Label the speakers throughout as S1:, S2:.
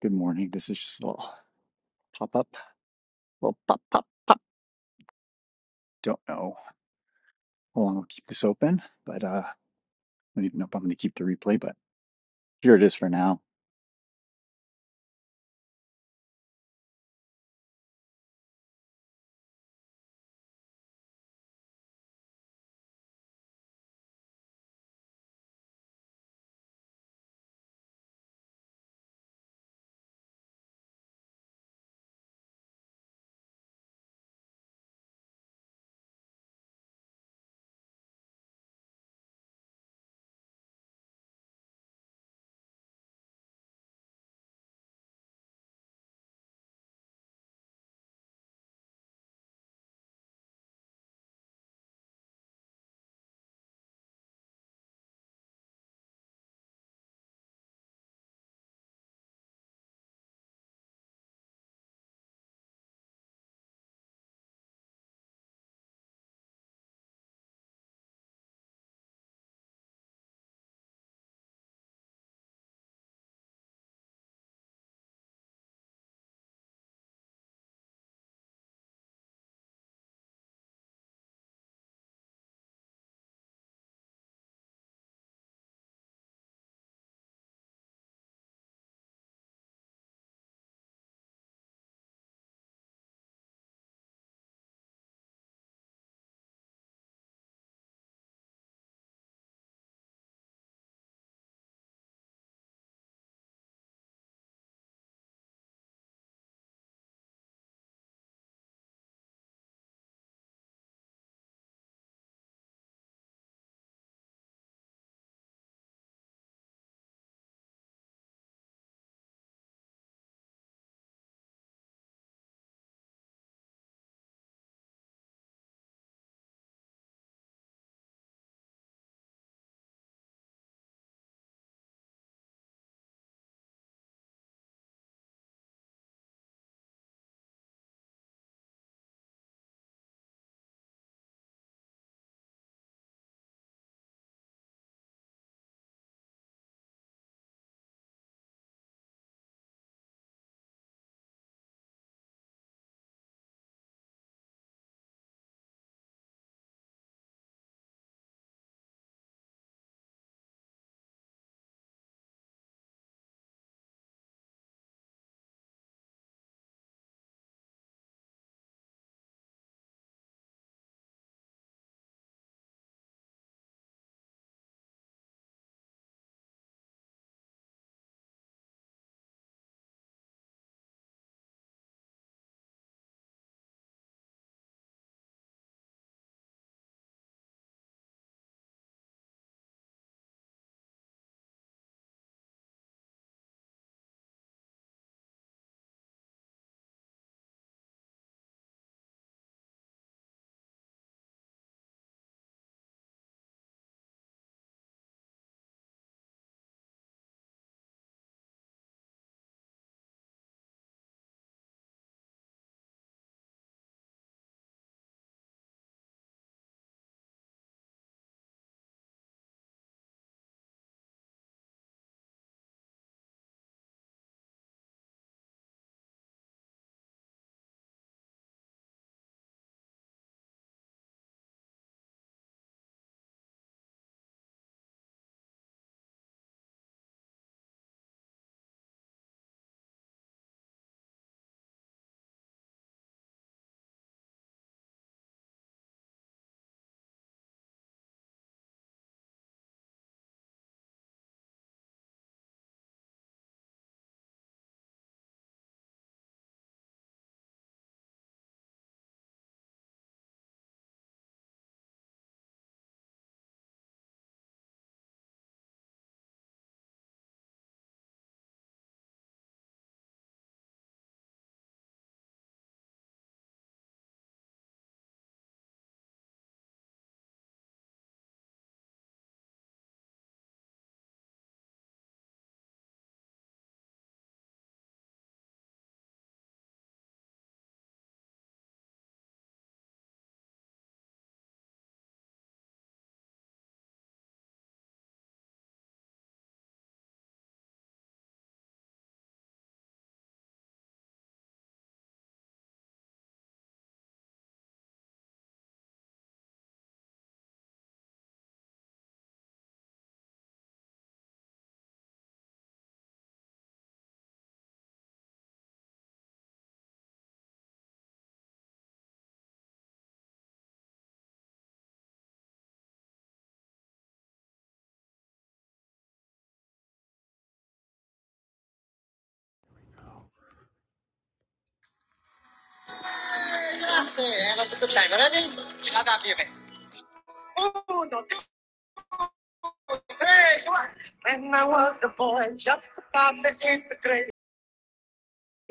S1: Good morning. This is just a little pop up, little pop pop. Don't know how long I'll keep this open, but uh, I don't even know if I'm going to keep the replay, but here it is for now.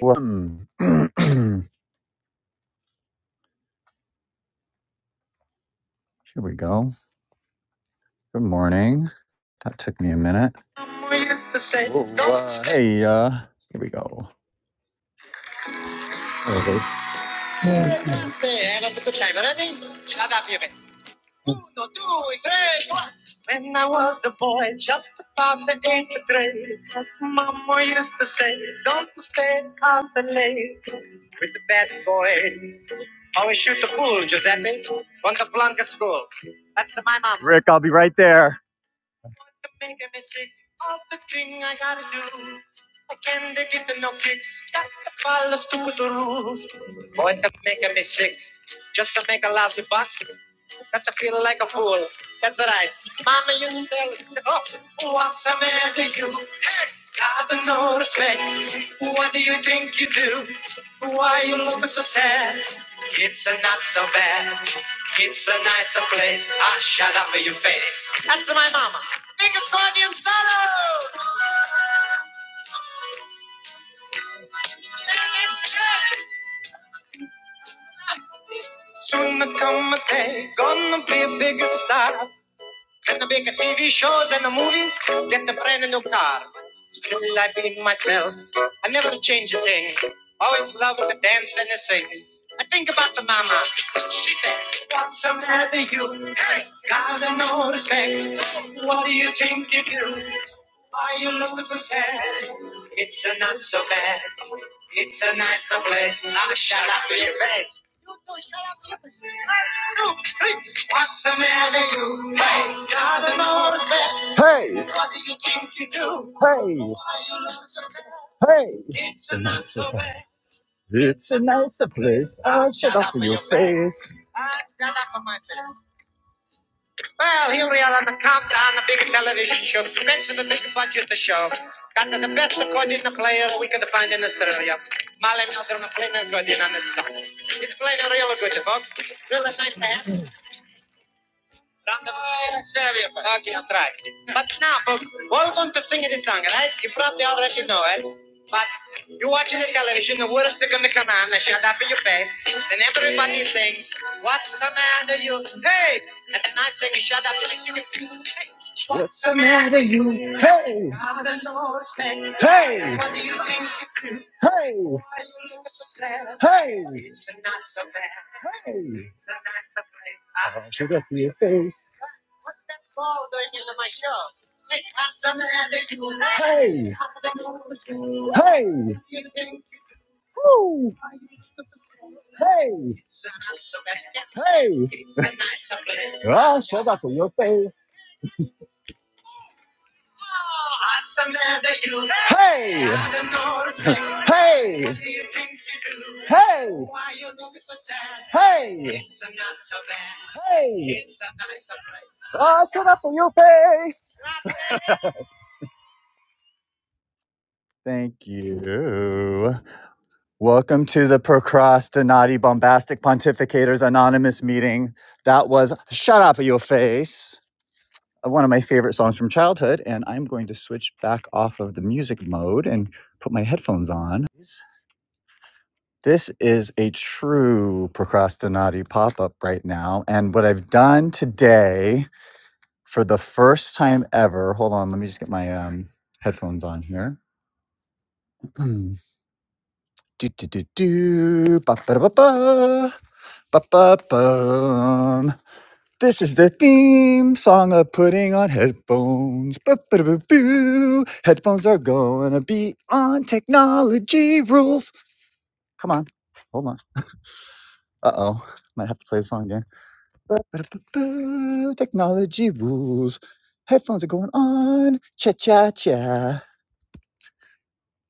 S1: Um, here we go. Good morning. That took me a minute. Whoa, uh, hey, uh, here we go. Okay. Rick, I'll be right there. Hey, hey, I Hey, you. Hey, hey, hey, hey. I should for your face. Hey, woo, hey, hey. I showed up for your face. Hey, hey, hey, hey, hey. I shut up for your face. Thank you. Welcome to the Procrastinati Bombastic Pontificators Anonymous meeting. That was Shut Up for Your Face, one of my favorite songs from childhood. And I'm going to switch back off of the music mode and put my headphones on. This is a true procrastinati pop up right now. And what I've done today for the first time ever. Hold on, let me just get my um, headphones on here. do do do do. Ba ba ba ba. Ba ba bum. This is the theme song of putting on headphones. Ba ba ba boo. Headphones are gonna be on technology rules. Come on, hold on. Uh oh, might have to play the song again. Ba ba ba boo. Technology rules. Headphones are going on. Cha cha cha.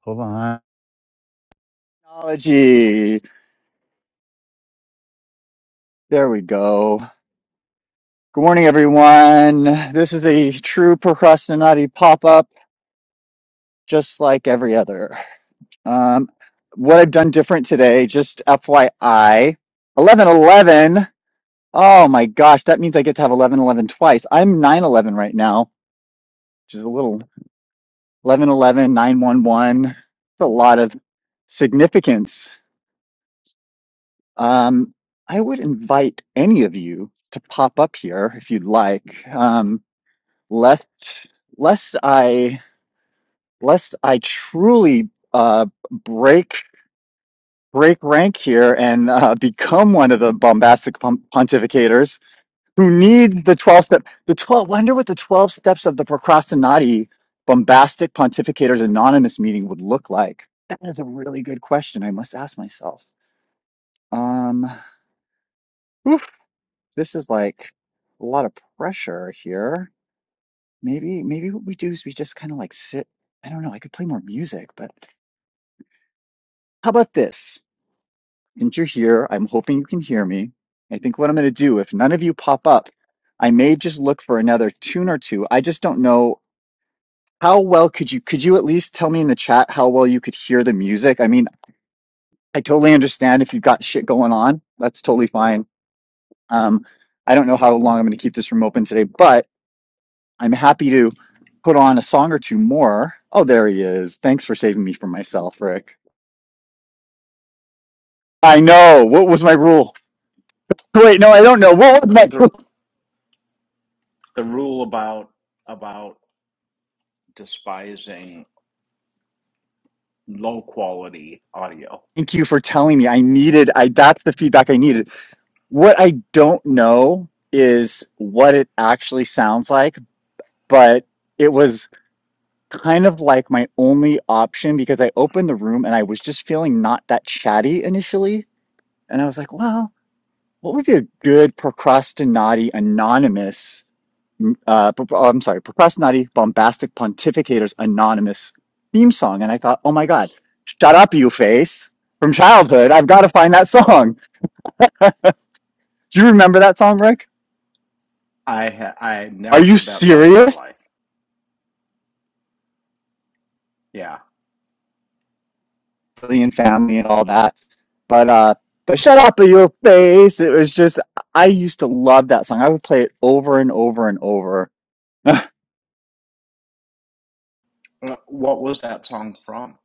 S1: Hold on. Technology. There we go. Good morning, everyone. This is a true procrastinati pop up, just like every other. Um, what I've done different today, just FYI, 11, 11. Oh my gosh, that means I get to have 11, 11 twice. I'm nine eleven right now, which is a little eleven, eleven, nine, one, one. It's a lot of significance. Um, I would invite any of you to pop up here if you'd like. Um, lest lest I lest I truly uh, break break rank here and uh, become one of the bombastic pon- pontificators who need the twelve step the twelve. Wonder what the twelve steps of the procrastinati bombastic pontificators anonymous meeting would look like. That is a really good question. I must ask myself. Um, oof, this is like a lot of pressure here. Maybe maybe what we do is we just kind of like sit. I don't know. I could play more music, but. How about this? Since you're here, I'm hoping you can hear me. I think what I'm going to do, if none of you pop up, I may just look for another tune or two. I just don't know how well could you could you at least tell me in the chat how well you could hear the music? I mean, I totally understand if you've got shit going on. That's totally fine. Um, I don't know how long I'm going to keep this room open today, but I'm happy to put on a song or two more. Oh, there he is. Thanks for saving me from myself, Rick. I know. What was my rule? Wait, no, I don't know. What was
S2: Uh,
S1: my
S2: the the rule about about despising low quality audio.
S1: Thank you for telling me. I needed I that's the feedback I needed. What I don't know is what it actually sounds like, but it was kind of like my only option because I opened the room and I was just feeling not that chatty initially, and I was like, well, what would be a good procrastinati anonymous m- uh, pro- oh, I'm sorry, Procrastinati Bombastic Pontificators Anonymous theme song. And I thought, oh my God, shut up, you face from childhood. I've got to find that song. Do you remember that song, Rick?
S2: I ha- I had
S1: Are
S2: never
S1: you
S2: heard that song in my
S1: serious?
S2: life. Yeah.
S1: Alien family and all that. But uh but shut up in your face. It was just I used to love that song. I would play it over and over and over. and
S2: Uh, What was that song from?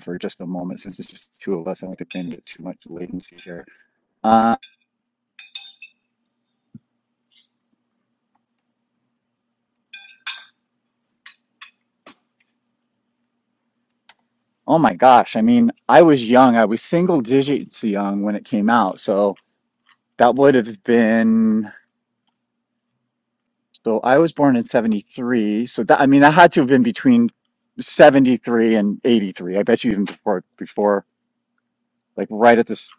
S1: for just a moment, since it's just two of us, I don't think we're gonna get too much latency here. Uh oh my gosh. I mean, I was young. I was single digits young when it came out, so that would have been So I was born in 73. So that, I mean, that had to have been between 73 and 83. I bet you even before, before, like right at this,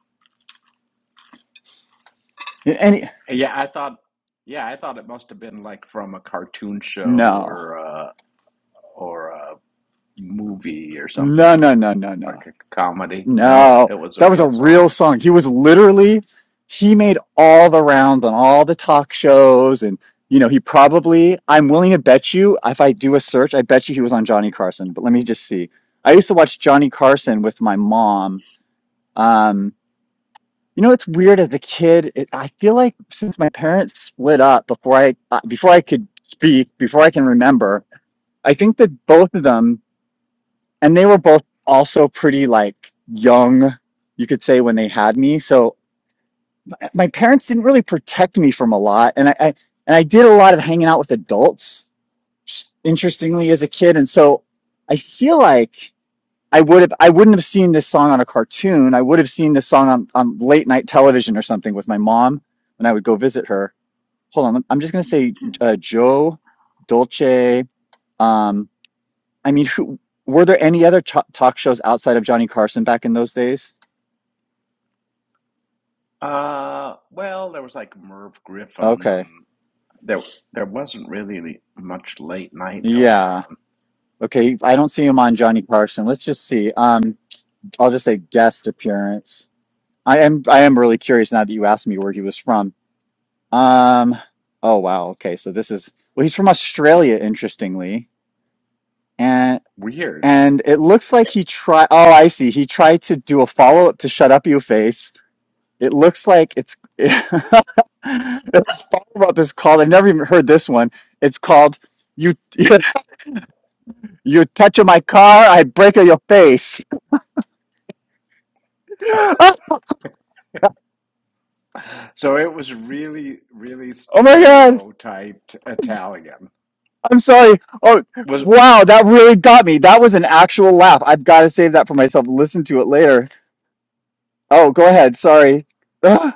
S1: any,
S2: Yeah, I thought yeah, I thought it must have been like from a cartoon show
S1: no,
S2: or a, or a movie or
S1: no,
S2: something,
S1: no, no, no, no,
S2: like a comedy. No,
S1: no.
S2: it was a
S1: That was a
S2: real
S1: real
S2: song.
S1: song. He was literally, he made all the rounds on all the talk shows. And, you know, he probably, I'm willing to bet you, if I do a search, I bet you he was on Johnny Carson. But let me just see. I used to watch Johnny Carson with my mom. Um, You know, it's weird as a kid. It, I feel like since my parents split up before I uh, before I could speak, before I can remember, I think that both of them, and they were both also pretty like young, you could say, when they had me. So my my parents didn't really protect me from a lot, and I, I and I did a lot of hanging out with adults, interestingly, as a kid. And so I feel like I would have I wouldn't have seen this song on a cartoon. I would have seen this song on, on late night television or something with my mom when I would go visit her. Hold on, I'm just gonna say uh, Joe Dolce. Um, I mean, who, were there any other ch- talk shows outside of Johnny Carson back in those days?
S2: Uh, well, there was like Merv Griffin
S1: Okay,
S2: and there there wasn't really much late night going
S1: yeah,
S2: on.
S1: okay. I don't see him on Johnny Carson. Let's just see. Um, I'll just say guest appearance. I am I am really curious now that you asked me where he was from. Um, oh wow, okay. So this is well, he's from Australia, interestingly. And
S2: Weird.
S1: and it looks like he tried oh, I see. He tried to do a follow-up to Shut Up You Face. It looks like it's it's follow-up is called I've never even heard this one. It's called You You Touch My Car, I Break Your Face. Oh, oh
S2: So it was really, really
S1: my God.
S2: stereotyped Italian.
S1: I'm sorry. Oh,
S2: Was
S1: wow, that really got me. That was an actual laugh. I've got to save that for myself. Listen to it later. Oh, go ahead. Sorry. Ugh.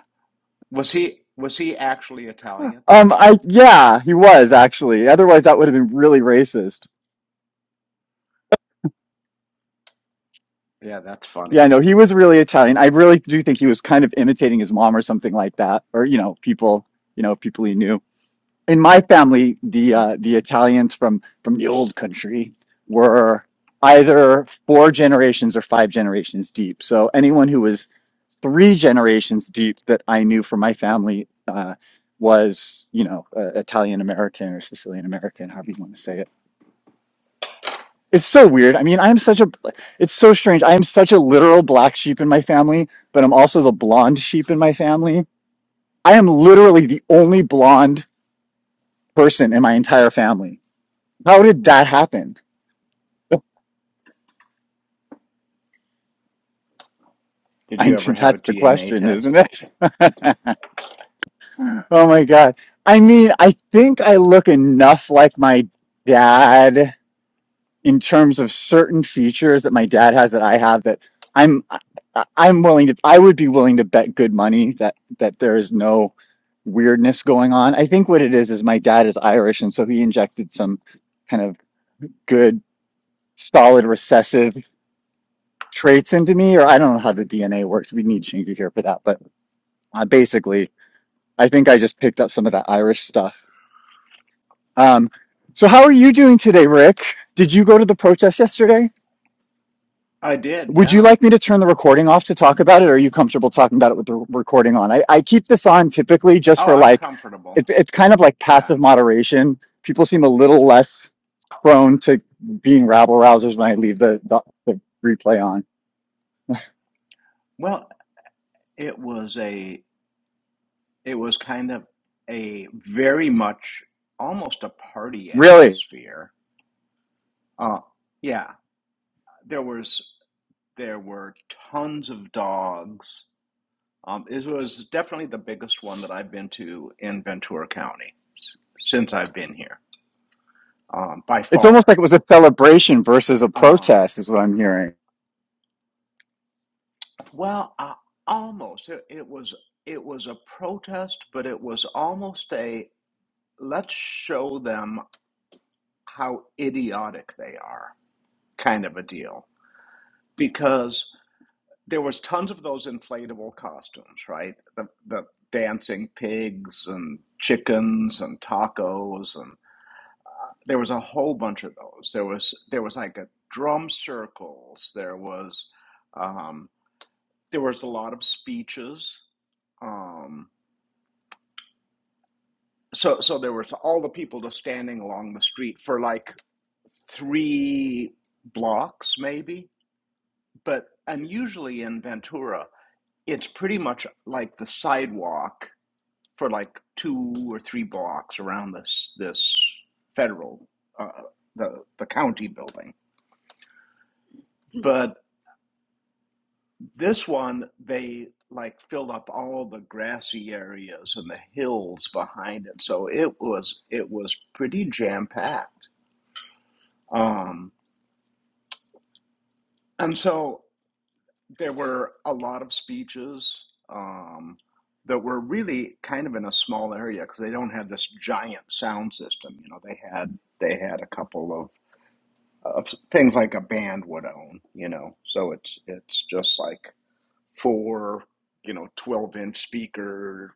S2: was he was he actually Italian?
S1: um, I yeah, he was actually. Otherwise, that would have been really racist.
S2: Yeah, that's
S1: Yeah,
S2: funny.
S1: no, he was really Italian. I really do think he was kind of imitating his mom or something like that, or you know, people, you know, people he knew. in my family, the uh, the Italians from from the old country were either four generations or five generations deep. So anyone who was three generations deep that I knew from my family uh, was, you know, uh, Italian American or Sicilian American, however you want to say it. It's so weird. I mean, I am such a, it's so strange. I am such a literal black sheep in my family, but I'm also the blonde sheep in my family. I am literally the only blonde person in my entire family How did that happen?
S2: Did
S1: I,
S2: you ever have a
S1: that's the
S2: DNA
S1: question, isn't
S2: test?
S1: it? Oh my God. I mean, I think I look enough like my dad in terms of certain features that my dad has that I have that I'm I- I'm willing to I would be willing to bet good money that that there is no weirdness going on. I think what it is is my dad is Irish and so he injected some kind of good solid recessive traits into me, or I don't know how the DNA works. We need Shingu here for that, but uh, basically, I think I just picked up some of that Irish stuff. Um, so how are you doing today, Rick? Did you go to the protest yesterday?
S2: I did,
S1: Would you
S2: yeah.
S1: like me to turn the recording off to talk about it, or are you comfortable talking about it with the recording on? I, I keep this on typically just
S2: Oh,
S1: for
S2: I'm
S1: like,
S2: comfortable.
S1: it, it's kind of like
S2: Yeah,
S1: passive
S2: I'm comfortable.
S1: moderation. People seem a little less prone to being rabble rousers when I leave the, the, the replay on.
S2: Well, it was a it was kind of a very much almost a party
S1: Really,
S2: atmosphere. Uh yeah, there was there were tons of dogs Um, it was definitely the biggest one that I've been to in Ventura County since I've been here, um, by
S1: it's
S2: far.
S1: almost like it was a celebration versus a
S2: Um,
S1: protest, is what I'm hearing.
S2: well, I, almost. It, it was it was a protest, but it was almost a let's show them how idiotic they are kind of a deal because there was tons of those inflatable costumes, right? The the dancing pigs and chickens and tacos and. there was a whole bunch of those. There was there was like a drum circles. There was um, there was a lot of speeches. Um, so so there was all the people just standing along the street for like three blocks maybe. But unusually in Ventura, it's pretty much like the sidewalk for like two or three blocks around this this federal uh, the the county building. But This one, they like filled up all the grassy areas and the hills behind it, so it was it was pretty jam packed. Um, and so there were a lot of speeches um, that were really kind of in a small area because they don't have this giant sound system. You know, they had they had a couple of of things like a band would own. You know, so it's it's just like four you know twelve inch speaker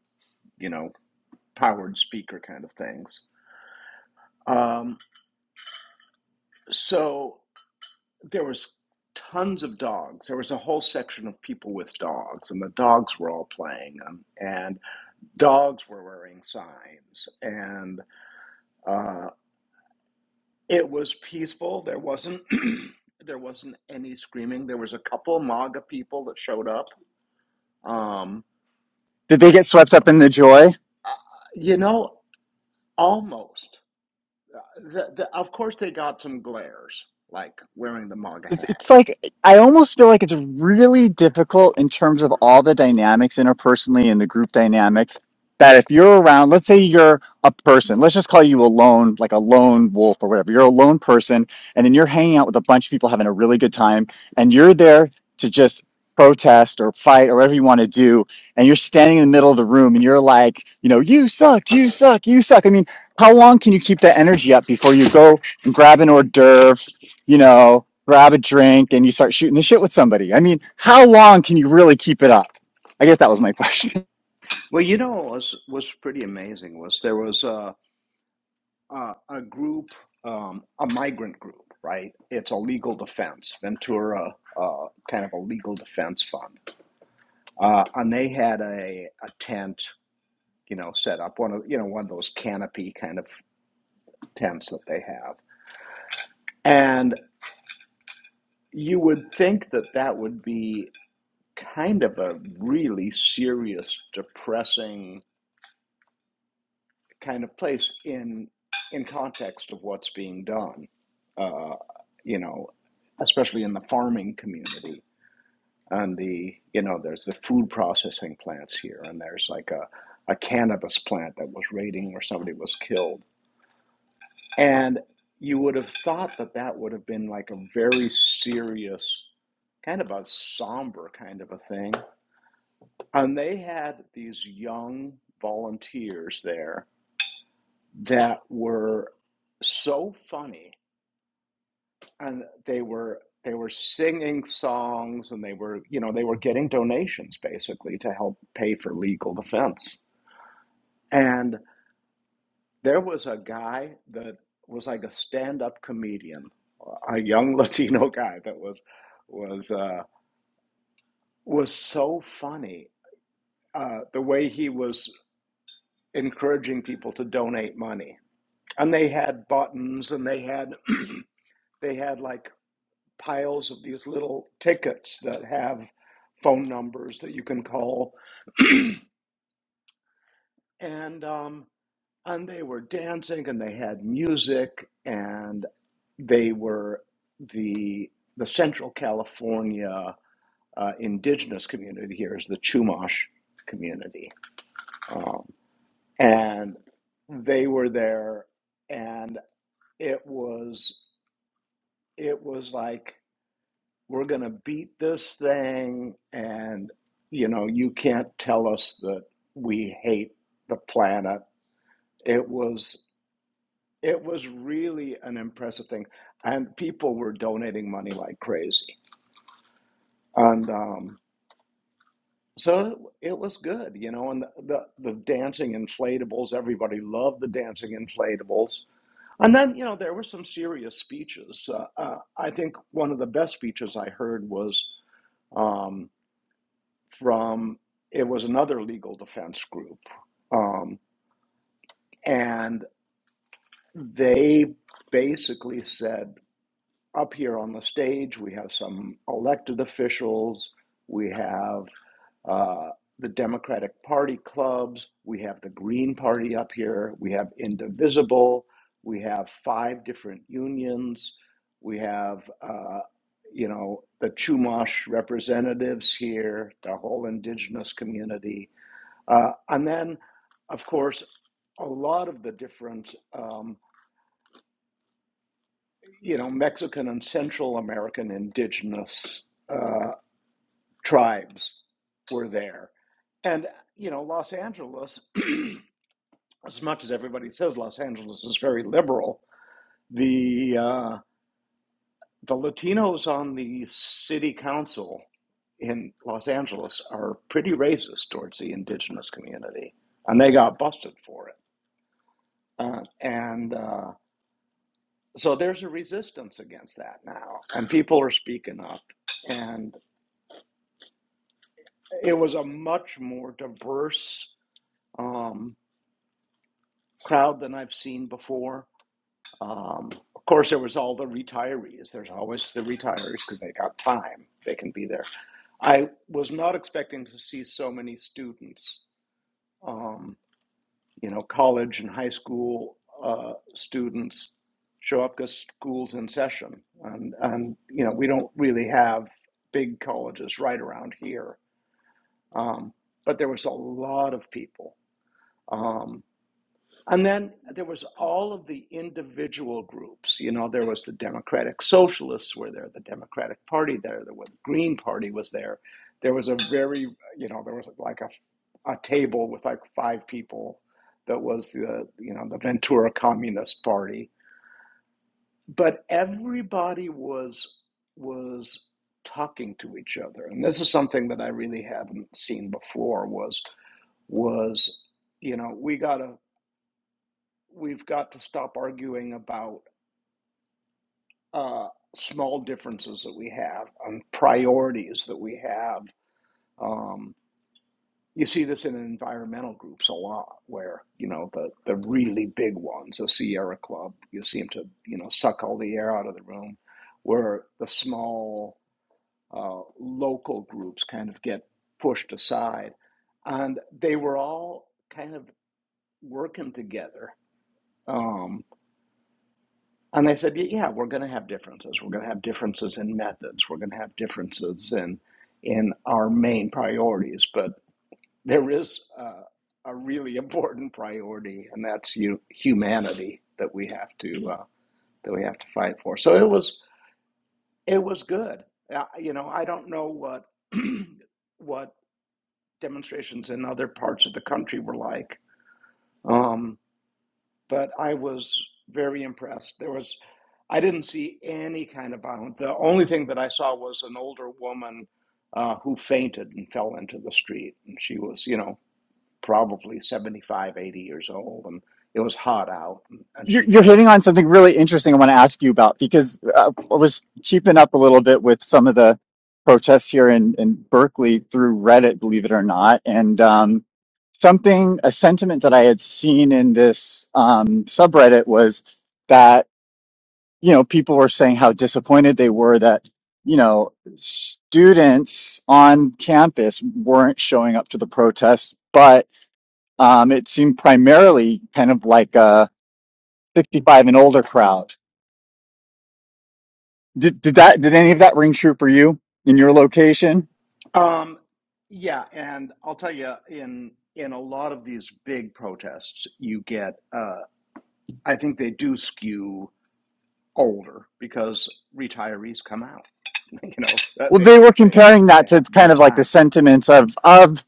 S2: you know. powered speaker kind of things. Um, so there was tons of dogs. There was a whole section of people with dogs, and the dogs were all playing, um, and dogs were wearing signs, and uh, it was peaceful. There wasn't. There wasn't any screaming. There was a couple MAGA people that showed up. Um,
S1: Did they get swept up in the joy?
S2: uh, you know, almost. Uh, the, the, of course, they got some glares, like wearing the MAGA
S1: It's,
S2: hat
S1: it's like I almost feel like it's really difficult in terms of all the dynamics interpersonally and the group dynamics that if you're around, let's say you're a person, let's just call you a lone, like a lone wolf or whatever. You're a lone person, and then you're hanging out with a bunch of people having a really good time, and you're there to just protest or fight or whatever you want to do, and you're standing in the middle of the room and you're like, you know, you suck, you suck, you suck. I mean, how long can you keep that energy up before you go and grab an hors d'oeuvre? you know, grab a drink and you start shooting the shit with somebody. I mean, how long can you really keep it up? I guess that was my question.
S2: Well, you know what was was pretty amazing was there was a a, a group, um, a migrant group, right? It's a legal defense, Ventura, uh, kind of a legal defense fund, uh, and they had a a tent, you know, set up one of you know one of those canopy kind of tents that they have, and you would think that that would be kind of a really serious, depressing kind of place in in context of what's being done. Uh, you know, especially in the farming community and the you know there's the food processing plants here and there's like a, a cannabis plant that was raiding where somebody was killed and you would have thought that that would have been like a very serious kind of a somber kind of a thing and they had these young volunteers there that were so funny and they were they were singing songs and they were you know they were getting donations basically to help pay for legal defense and there was a guy that was like a stand-up comedian a young latino guy that was was uh was so funny uh the way he was encouraging people to donate money and they had buttons and they had they had like piles of these little tickets that have phone numbers that you can call. and um, and they were dancing and they had music and they were the the Central California uh, indigenous community here is the Chumash community, um, and they were there, and it was it was like we're going to beat this thing and you know you can't tell us that we hate the planet it was it was really an impressive thing and people were donating money like crazy and um so it was good you know and the the, the dancing inflatables everybody loved the dancing inflatables and then you know there were some serious speeches uh, uh, i think one of the best speeches i heard was um, from it was another legal defense group, um, and they basically said, up here on the stage, we have some elected officials, we have uh, the Democratic Party clubs, we have the Green Party up here, we have Indivisible, we have five different unions, we have. Uh, you know, the Chumash representatives here, the whole indigenous community Uh, and then, of course, a lot of the different, um, you know, Mexican and Central American indigenous uh, tribes were there. And, you know, Los Angeles, as much as everybody says Los Angeles is very liberal, the, uh, the Latinos on the city council in Los Angeles are pretty racist towards the indigenous community. And they got busted for it. Uh, and, uh, so there's a resistance against that now, and people are speaking up. And it was a much more diverse um, crowd than I've seen before. Um, of course, there was all the retirees. There's always the retirees because they got time; they can be there. I was not expecting to see so many students. Um, you know, college and high school uh, students show up because school's in session, and and you know we don't really have big colleges right around here. Um, but there was a lot of people. Um, and then there was all of the individual groups. You know, there was the Democratic Socialists were there, the Democratic Party there, there was the Green Party was there. There was a very, you know, there was like a a table with like five people that was the, you know, the Ventura Communist Party. But everybody was was talking to each other. And this is something that I really haven't seen before was was you know, we got a we've got to stop arguing about uh, small differences that we have on priorities that we have. Um, you see this in environmental groups a lot, where you know the the really big ones, the Sierra Club, you seem to you know suck all the air out of the room, where the small uh, local groups kind of get pushed aside, and they were all kind of working together. Um, And they said, yeah, we're going to have differences. We're going to have differences in methods. We're going to have differences in in our main priorities, but there is uh, a really important priority, and that's you, humanity that we have to uh, that we have to fight for." So it was it was good. Uh, you know, I don't know what what demonstrations in other parts of the country were like. Um, but I was very impressed. There was, I didn't see any kind of violence. The only thing that I saw was an older woman uh, who fainted and fell into the street. And she was, you know, probably 75, 80 years old. And it was hot out and, and
S1: You're,
S2: she
S1: you're hitting
S2: fainted.
S1: on something really interesting I want to ask you about because uh, I was keeping up a little bit with some of the protests here in, in Berkeley through Reddit, believe it or not. And um, something, a sentiment that I had seen in this um, subreddit was that. you know, people were saying how disappointed they were that, you know, students on campus weren't showing up to the protests, but um, it seemed primarily kind of like a 65 and older crowd. Did, did that, did any of that ring true for you in your location?
S2: Um, yeah. And I'll tell you, in, in a lot of these big protests, you get, uh, I think they do skew older because retirees come out you know that
S1: Well, they
S2: they
S1: were
S2: that they don't
S1: comparing that
S2: they
S1: to
S2: have more
S1: kind of like the
S2: time
S1: sentiments of of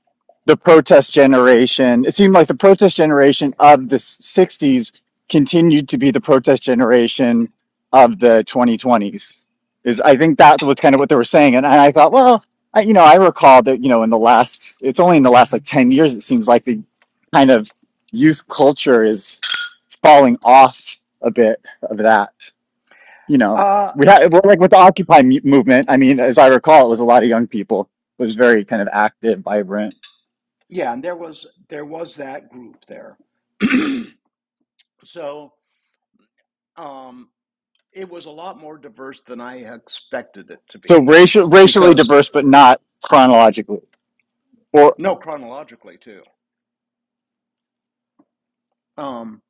S1: the protest generation. It seemed like the protest generation of the '60s continued to be the protest generation of the 2020s. Is I think that was kind of what they were saying, and I, thought, well, I, you know, I recall that you know in the last, it's only in the last like 10 years it seems like the kind of youth culture is falling off a bit of that you know,
S2: uh
S1: we had well, like with the Occupy mu- movement. I mean, as I recall, it was a lot of young people. It was very kind of active, vibrant.
S2: yeah and there was there was that group there so um it was a lot more diverse than i expected it to
S1: So
S2: be
S1: racial, racially
S2: because
S1: diverse, but not chronologically. Or
S2: no chronologically too um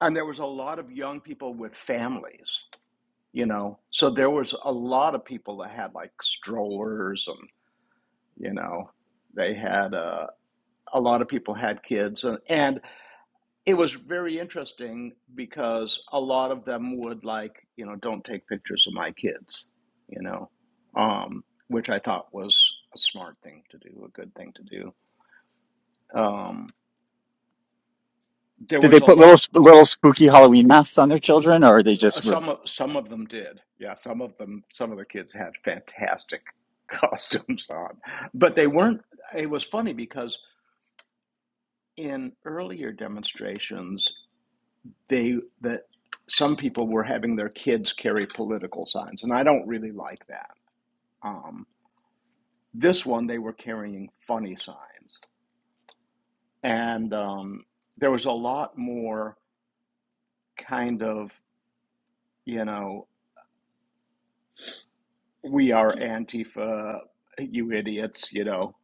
S2: and there was a lot of young people with families you know so there was a lot of people that had like strollers and you know they had uh, a lot of people had kids and, and it was very interesting because a lot of them would like you know don't take pictures of my kids you know um which i thought was a smart thing to do a good thing to do um there
S1: did they
S2: was a
S1: put little
S2: lot
S1: sp- little spooky Halloween masks on their children, or they
S2: uh,
S1: just were
S2: some of some of them did yeah some of them some of the kids had fantastic costumes on but they weren't it was funny because in earlier demonstrations they that some people were having their kids carry political signs and i don't really like that Um, this one, they were carrying funny signs. And um, there was a lot more kind of, you know, we are Antifa, you idiots, you know,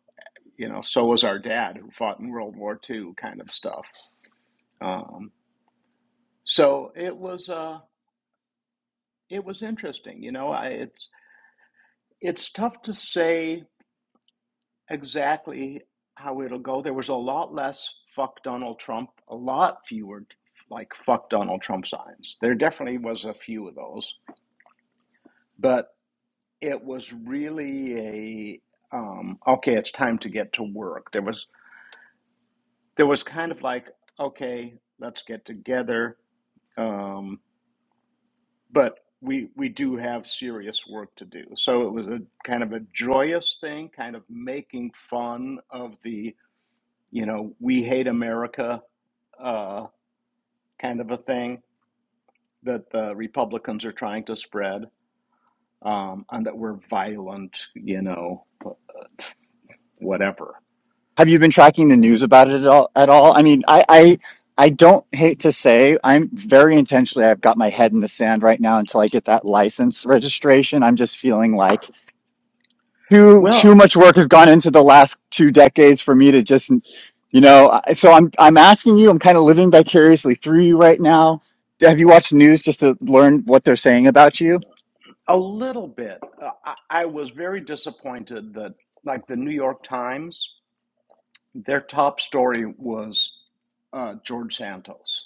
S2: you know, so was our dad who fought in World War Two, kind of stuff. Um, so it was, uh, it was interesting. You know, I, it's, it's tough to say exactly how it'll go. There was a lot less fuck Donald Trump, a lot fewer like fuck Donald Trump signs. There definitely was a few of those, but it was really a um, okay, it's time to get to work. There was there was kind of like okay, let's get together, um, but we we do have serious work to do. So it was a kind of a joyous thing, kind of making fun of the you know, we hate America uh, kind of a thing that the Republicans are trying to spread, um, and that we're violent, you know, whatever.
S1: Have you been tracking the news about it at all? At all? I mean, I, I, I don't hate to say I'm very intentionally. I've got my head in the sand right now until I get that license registration. I'm just feeling like too too
S2: Well,
S1: much work has gone into the last two decades for me to just, you know. I- So I'm I'm asking you. I'm kind of living vicariously through you right now. Have you watched news just to learn what they're saying about you?
S2: a little bit. Uh, I, I was very disappointed that, like, the New York Times, their top story was uh, George Santos.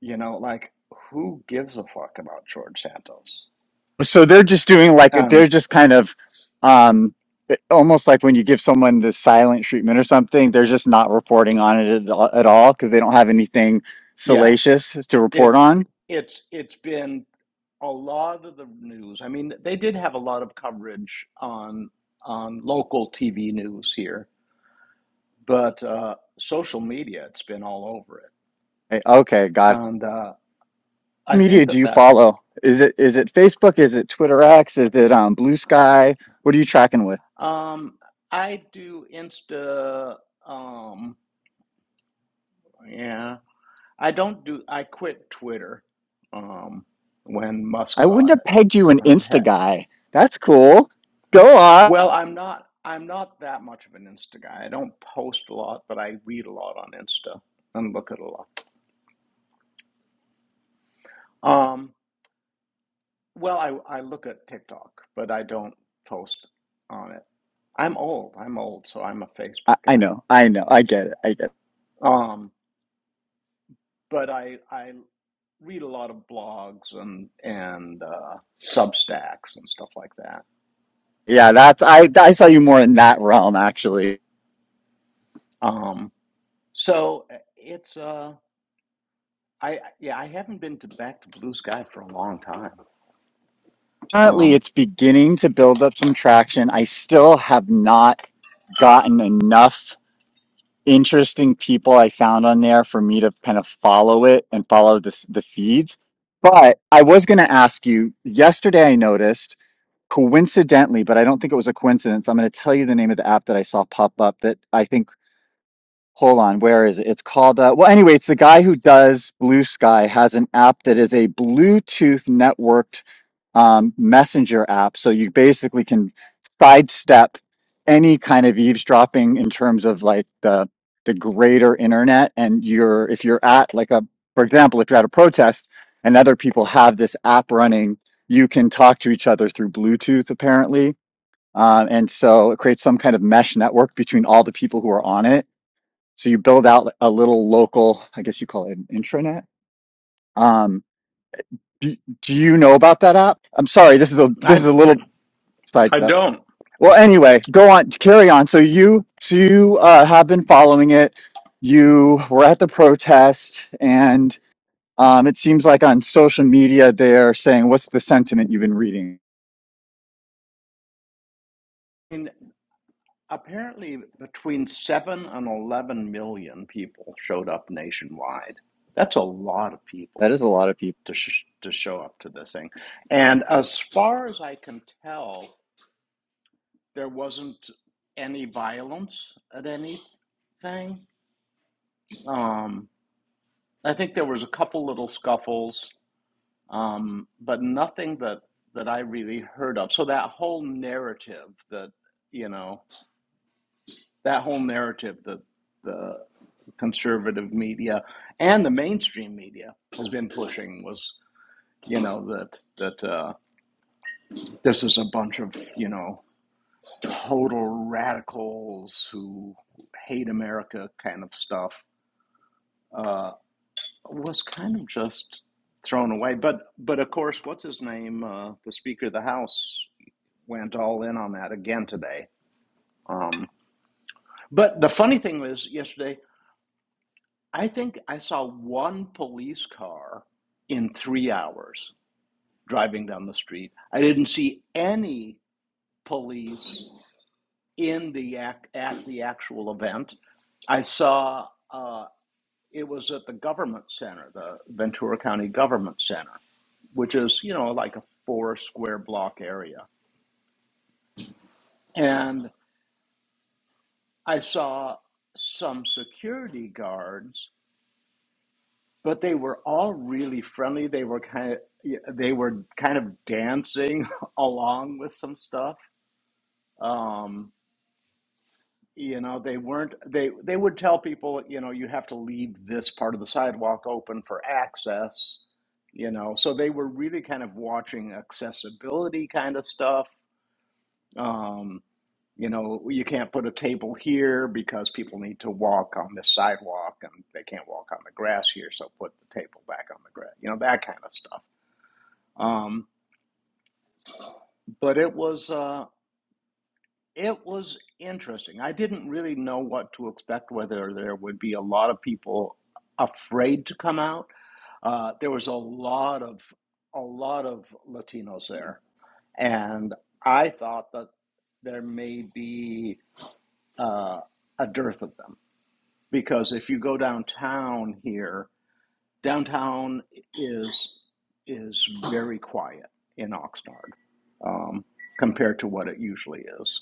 S2: You know, like, who gives a fuck about George Santos?
S1: so they're just doing like they're
S2: Um,
S1: just kind of um almost like when you give someone the silent treatment or something they're just not reporting on it at all at all because they don't have anything
S2: yeah,
S1: salacious to report
S2: it
S1: on
S2: it's it's been a lot of the news. I mean, they did have a lot of coverage on on local TV news here, but uh, social media it's been all over it,
S1: Eh, okay got it
S2: and uh, I think
S1: media do
S2: that
S1: you
S2: that
S1: follow? Is it is it Facebook? Is it Twitter X? Is it um, Blue Sky? What are you tracking with?
S2: um, I do Insta. Um, yeah, I don't do. I quit Twitter um, when Musk
S1: I wouldn't
S2: bought
S1: have
S2: it.
S1: pegged you an
S2: Um, he-
S1: Insta guy. That's cool. Go on.
S2: well, I'm not. I'm not that much of an Insta guy. I don't post a lot, but I read a lot on Insta and look at a lot. Um, well, I, I look at TikTok, but I don't post on it. I'm old. I'm old, so I'm a
S1: I,
S2: Facebook
S1: I
S2: guy.
S1: know. I know. I get it. I get it.
S2: Um, but I I read a lot of blogs and and uh, Substacks and stuff like that.
S1: Yeah, that's I I saw you more in that realm actually.
S2: Um, so uh, it's uh I yeah I haven't been to back to Blue Sky for a long time.
S1: Currently,
S2: Um,
S1: it's beginning to build up some traction. I still have not gotten enough interesting people I found on there for me to kind of follow it and follow the the feeds. But I was going to ask you yesterday. I noticed coincidentally, but I don't think it was a coincidence. I'm going to tell you the name of the app that I saw pop up that I think. Hold on, where is it? It's called. Uh, well, anyway, it's the guy who does Blue Sky has an app that is a Bluetooth networked um, messenger app. So you basically can sidestep any kind of eavesdropping in terms of like the the greater internet. And you're if you're at like a for example, if you're at a protest and other people have this app running, you can talk to each other through Bluetooth apparently. Um, and so it creates some kind of mesh network between all the people who are on it. So you build out a little local, I guess you call it an intranet. Um, do, do you know about that app? I'm sorry, this is a this
S2: I
S1: is a little sides
S2: I
S1: up.
S2: don't.
S1: Well, anyway, go on, carry on. So you, so you uh, have been following it. You were at the protest, and um, it seems like on social media they're saying, "What's the sentiment you've been reading?"
S2: I mean, Apparently, between 7 and 11 million people showed up nationwide. That's a lot of people
S1: That is a lot of people.
S2: to, sh- to show up to this thing. And as far as I can tell, there wasn't any violence at anything. Um, I think there was a couple little scuffles, um, but nothing that, that I really heard of. So that whole narrative that, you know, that whole narrative that the conservative media and the mainstream media has been pushing was you know that that uh, this is a bunch of you know total radicals who hate America kind of stuff uh, was kind of just thrown away. But but of course, what's his name? Uh, the Speaker of the House went all in on that again today. Um, but the funny thing was yesterday, I think I saw one police car in three hours driving down the street. I didn't see any police in the act at the actual event. I saw uh, it was at the government center, the Ventura County Government Center, which is you know like a four square block area, and I saw some security guards, but they were all really friendly. They were kind of they were kind of dancing along with some stuff. Um, you know they weren't they they would tell people you know you have to leave this part of the sidewalk open for access you know so they were really kind of watching accessibility kind of stuff um you know you can't put a table here because people need to walk on this sidewalk and they can't walk on the grass here so put the table back on the grass you know that kind of stuff um but it was uh It was interesting. I didn't really know what to expect, whether there would be a lot of people afraid to come out. Uh, there was a lot of a lot of Latinos there, and I thought that there may be uh, a dearth of them because if you go downtown here, downtown is is very quiet in Oxnard um, compared to what it usually is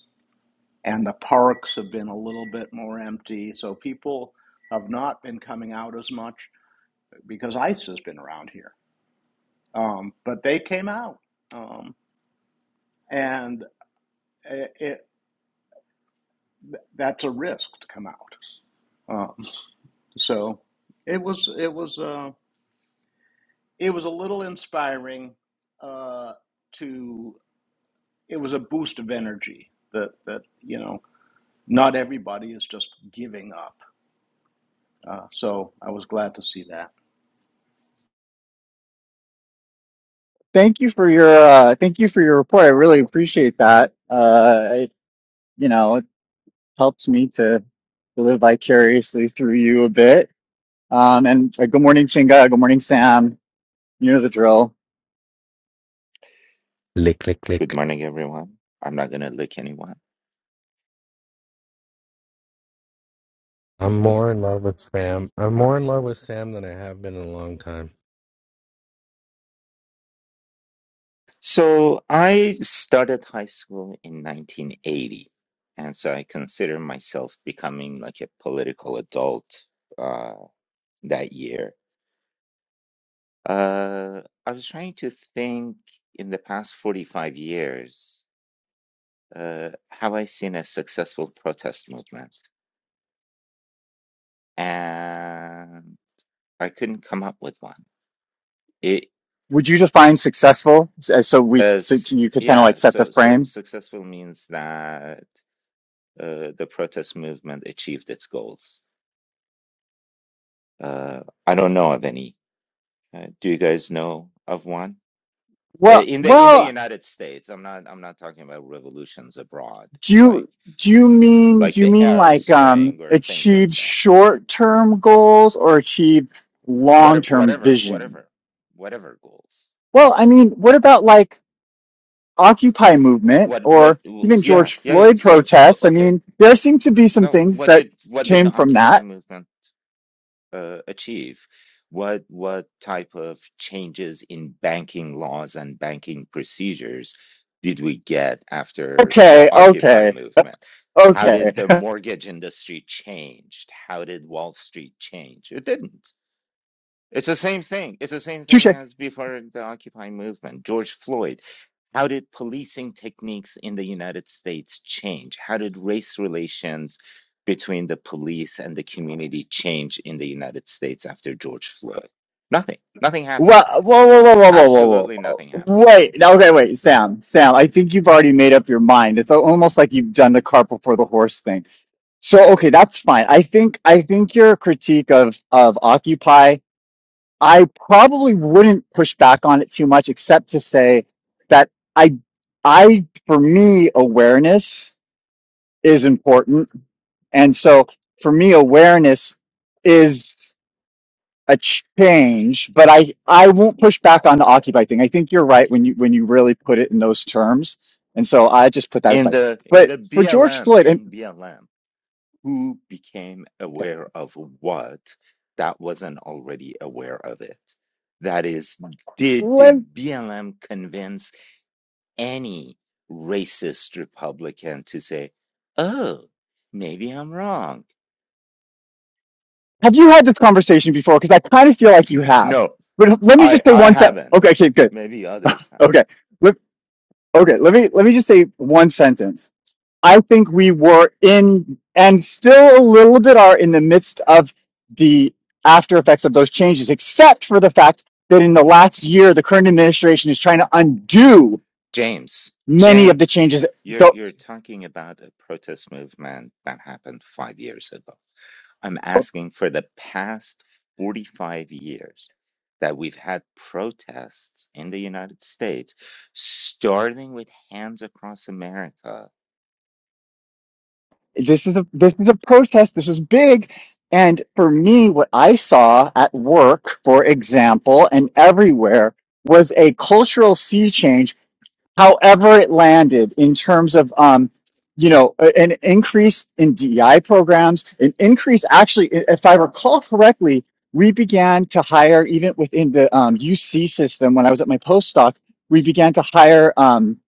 S2: and the parks have been a little bit more empty. So people have not been coming out as much because ICE has been around here. Um, but they came out, um, and it, it that's a risk to come out. Um, so it was it was uh, it was a little inspiring uh, to it was a boost of energy that that you know not everybody is just giving up. Uh, so I was glad to see that.
S1: Thank you for your, uh, thank you for your report. I really appreciate that. Uh, it, you know, it helps me to live vicariously through you a bit. Um, and uh, good morning, Chinga. Good morning, Sam. You know the drill.
S3: Lick, lick,
S4: Good
S3: lick.
S4: morning, everyone. I'm not going to lick anyone.
S3: I'm more in love with Sam. I'm more in love with Sam than I have been in a long time.
S4: So, I started high school in 1980. And so I consider myself becoming like a political adult uh, that year. Uh, I was trying to think in the past 45 years, uh, have I seen a successful protest movement? And I couldn't come up with one. It,
S1: would you define successful S- so we so
S4: as
S1: you could kind of
S4: yeah,
S1: like set the
S4: so so
S1: frame
S4: successful means that uh, the protest movement achieved its goals. Uh, I don't know of any. Uh, do you guys know of one uh,
S1: well
S4: in the in the
S1: well
S4: United States? I'm not I'm not talking about revolutions abroad,
S1: do
S4: like
S1: you do you mean do
S4: like
S1: you
S4: the
S1: mean
S4: Arab
S1: like um
S4: Spring or things like
S1: achieve
S4: that.
S1: short-term goals or achieve
S4: Whatever,
S1: long-term
S4: whatever,
S1: vision
S4: whatever, whatever goals.
S1: well i mean what about like occupy movement
S4: What
S1: or
S4: what?
S1: even
S4: Yeah,
S1: george
S4: yeah, yeah.
S1: floyd
S4: So o-
S1: protests i
S4: okay,
S1: mean there seem to be some
S4: no.
S1: things
S4: What
S1: that
S4: did what did
S1: came
S4: the
S1: from
S4: Occupy
S1: that
S4: movement? uh, achieve? What what type of changes in banking laws and banking procedures did we get after the
S1: okay
S4: Occupy
S1: okay
S4: movement? How
S1: okay
S4: did the mortgage industry change? How did Wall Street change? It didn't. It's the same thing. It's the same
S1: touche
S4: thing as before the Occupy movement. George Floyd. How did policing techniques in the United States change? How did race relations between the police and the community change in the United States after George Floyd? Nothing. Nothing happened.
S1: Wha whoa, whoa, whoa, whoa, whoa, whoa,
S4: Absolutely
S1: whoa.
S4: nothing
S1: whoa.
S4: happened.
S1: Wait, now, okay, wait, Sam, Sam, I think you've already made up your mind. It's almost like you've done the cart before the horse thing. So, okay, that's fine. I think, I think your critique of, of Occupy, I probably wouldn't push back on it too much, except to say that I, I, for me, awareness is important. And so for me, awareness is a change, but I I won't push back on the occupy thing. I think you're right when you when you really put it in those terms, and so I just put that
S4: In
S1: aside.
S4: the in
S1: But
S4: the
S1: for George
S4: BLM,
S1: Floyd, and
S4: in BLM. who became aware of what that wasn't already aware of it. That is, did,
S1: let,
S4: did BLM convince any racist Republican to say, oh, maybe I'm wrong?
S1: have you had this conversation before? Because I kind of feel like you have.
S4: No,
S1: But let me just
S4: I,
S1: say
S4: I
S1: one thing.
S4: haven't.
S1: Okay, okay, good.
S4: Maybe others have.
S1: Okay, let, okay. Let me let me just say one sentence I think we were in and still a little bit are in the midst of the after effects of those changes, except for the fact that in the last year, the current administration is trying to undo
S4: James,
S1: many of the
S4: James,
S1: changes.
S4: you're
S1: Go-
S4: you're talking about a protest movement that happened five years ago. I'm asking for the past 45 years that we've had protests in the United States, starting with Hands Across America,
S1: This is a, this is a protest. This is big. And for me, what I saw at work, for example, and everywhere was a cultural sea change however it landed in terms of um you know an increase in DEI programs an increase actually if i recall correctly we began to hire even within the um, UC system when i was at my postdoc we began to hire um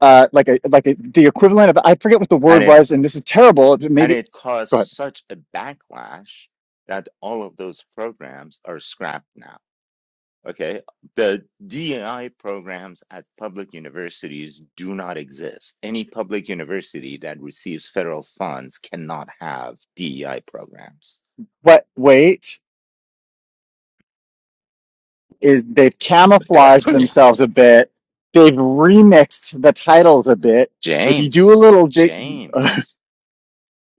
S1: uh like a like a, the equivalent of i forget what the
S4: and
S1: word
S4: it
S1: was and this is terrible but
S4: and
S1: maybe
S4: it caused
S1: but
S4: such a backlash that all of those programs are scrapped now. Okay. The DEI programs at public universities do not exist. Any public university that receives federal funds cannot have DEI programs.
S1: what wait is they've camouflaged themselves a bit they've remixed the titles a bit if you do a
S4: James,
S1: little dig
S4: James,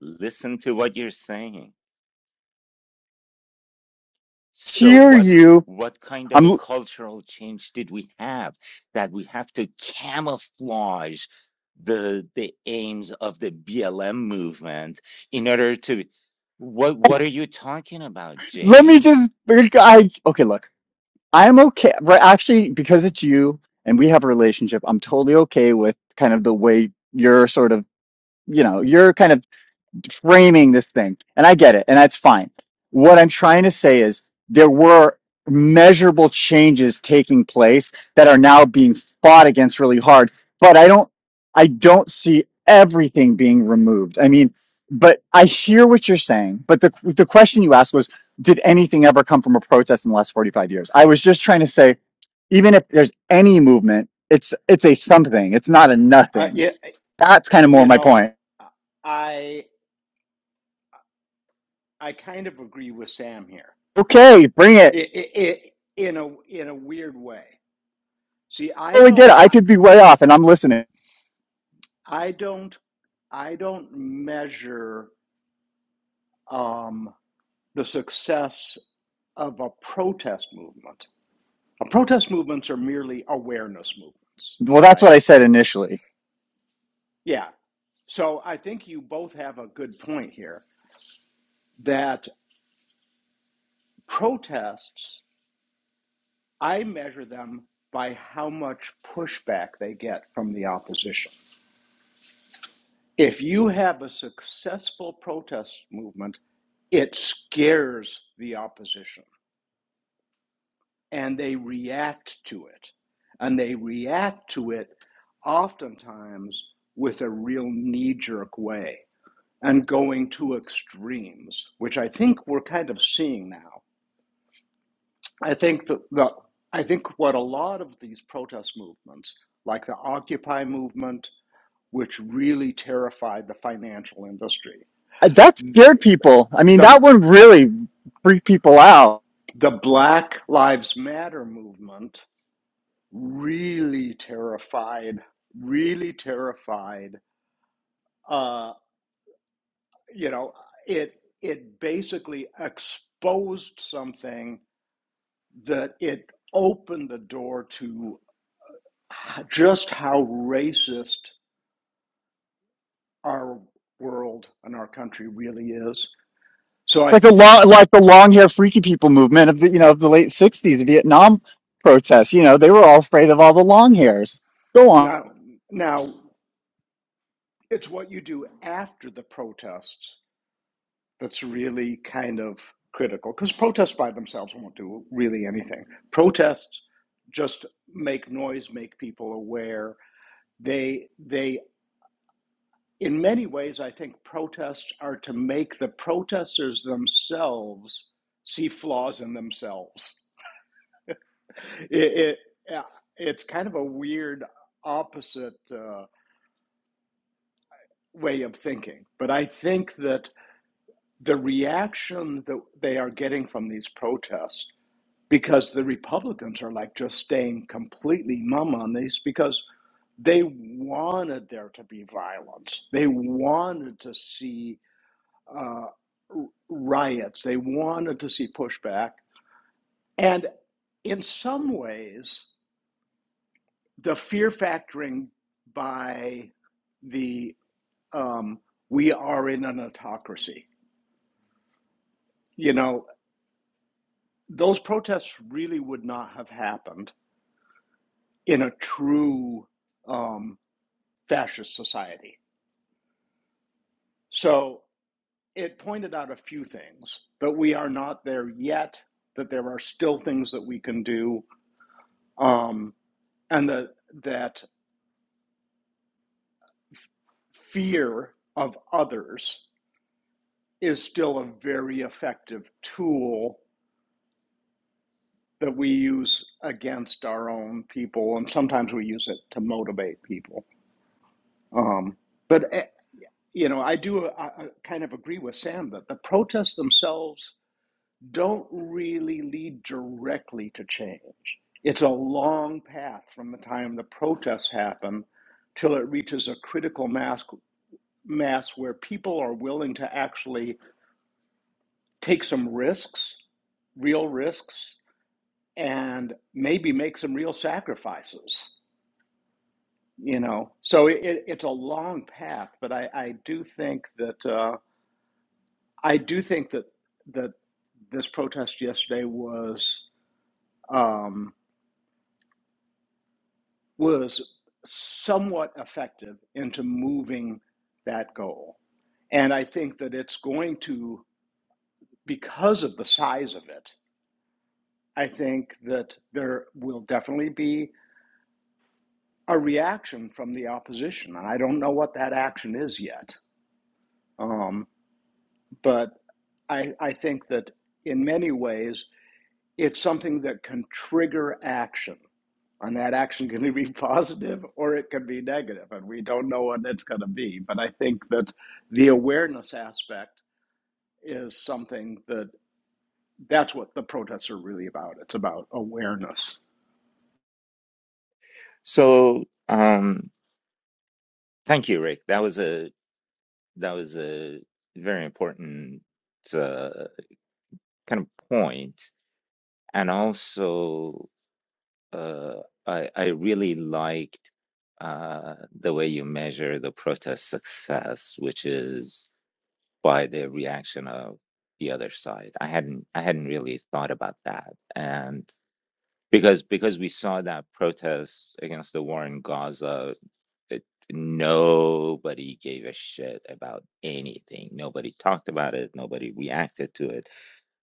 S4: listen to what you're saying. So
S1: hear
S4: what
S1: you.
S4: what kind of a
S1: I'm.
S4: cultural change did we have that we have to camouflage the the aims of the BLM movement in order to what what are you talking about,
S1: Let me just.
S4: James?
S1: I okay. Look, I am okay. Right, actually, because it's you and we have a relationship, I'm totally okay with kind of the way you're sort of. You know, you're kind of framing this thing. And I get it, and that's fine. What I'm trying to say is there were measurable changes taking place that are now being fought against really hard, but I don't I don't see everything being removed. I mean, but I hear what you're saying, but the the question you asked was did anything ever come from a protest in the last 45 years? I was just trying to say even if there's any movement, it's it's a something. It's not a
S2: Uh,
S1: nothing.
S2: yeah,
S1: That's kind of more
S2: You
S1: my
S2: know,
S1: point.
S2: I I kind of agree with Sam here.
S1: Okay, bring it.
S2: It, it, it in a in a weird way. See, I
S1: totally get
S2: don't
S1: it. I
S2: I,
S1: could be way off, and I'm listening.
S2: I don't I don't measure um, the success of a protest movement. A protest movements are merely awareness movements,
S1: Well, that's what
S2: right?
S1: I said initially.
S2: Yeah. So I think you both have a good point here that protests I measure them by how much pushback they get from the opposition. If you have a successful protest movement, it scares the opposition and they react to it. And they react to it oftentimes with a real knee jerk way and going to extremes, which I think we're kind of seeing now. I think that the, I think what a lot of these protest movements, like the Occupy movement which really terrified the financial industry.
S1: Uh, That
S2: Th-
S1: scared people. I mean,
S2: The,
S1: that one really freaked people out.
S2: the Black Lives Matter movement really terrified, really terrified. Uh, you know, it it basically exposed something that it opened the door to just how racist our world and our country really is. So
S1: It's
S2: I
S1: like the
S2: think
S1: long, like the long hair freaky people movement of the you know of the late '60s Vietnam protests. You know, they were all afraid of all the long hairs. Go on,
S2: now now It's what you do after the protests that's really kind of critical because protests by themselves won't do really anything. Protests just make noise, make people aware. They they in many ways I think protests are to make the protesters themselves see flaws in themselves. It, it it's kind of a weird opposite uh, way of thinking, but I think that the reaction that they are getting from these protests because the Republicans are like just staying completely mum on these because they wanted there to be violence. They wanted to see uh, r- riots. They wanted to see pushback. And in some ways, the fear factoring by the um, we are in an autocracy, you know, those protests really would not have happened in a true um, fascist society. So it pointed out a few things that we are not there yet, that there are still things that we can do, um, and that, that fear of others is still a very effective tool that we use against our own people, and sometimes we use it to motivate people. Um, but eh, you know, I do uh, uh, kind of agree with Sam that the protests themselves don't really lead directly to change. It's a long path from the time the protests happen till it reaches a critical mass, mass where people are willing to actually take some risks, real risks, and maybe make some real sacrifices. You know, so it, it's a long path, but I, I do think that uh, I do think that that this protest yesterday was. Um, was somewhat effective into moving that goal. And I think that it's going to, because of the size of it, I think that there will definitely be a reaction from the opposition. And I don't know what that action is yet. Um, but I, I think that in many ways, it's something that can trigger action and that action going to be positive or it could be negative and we don't know what it's going to be but i think that the awareness aspect is something that that's what the protests are really about it's about awareness
S4: So um thank you, Rick. That was a that was a very important uh, kind of point. And also uh, I I really liked uh, the way you measure the protest success, which is by the reaction of the other side. I hadn't I hadn't really thought about that, and because because we saw that protest against the war in Gaza, it, nobody gave a shit about anything. Nobody talked about it. Nobody reacted to it,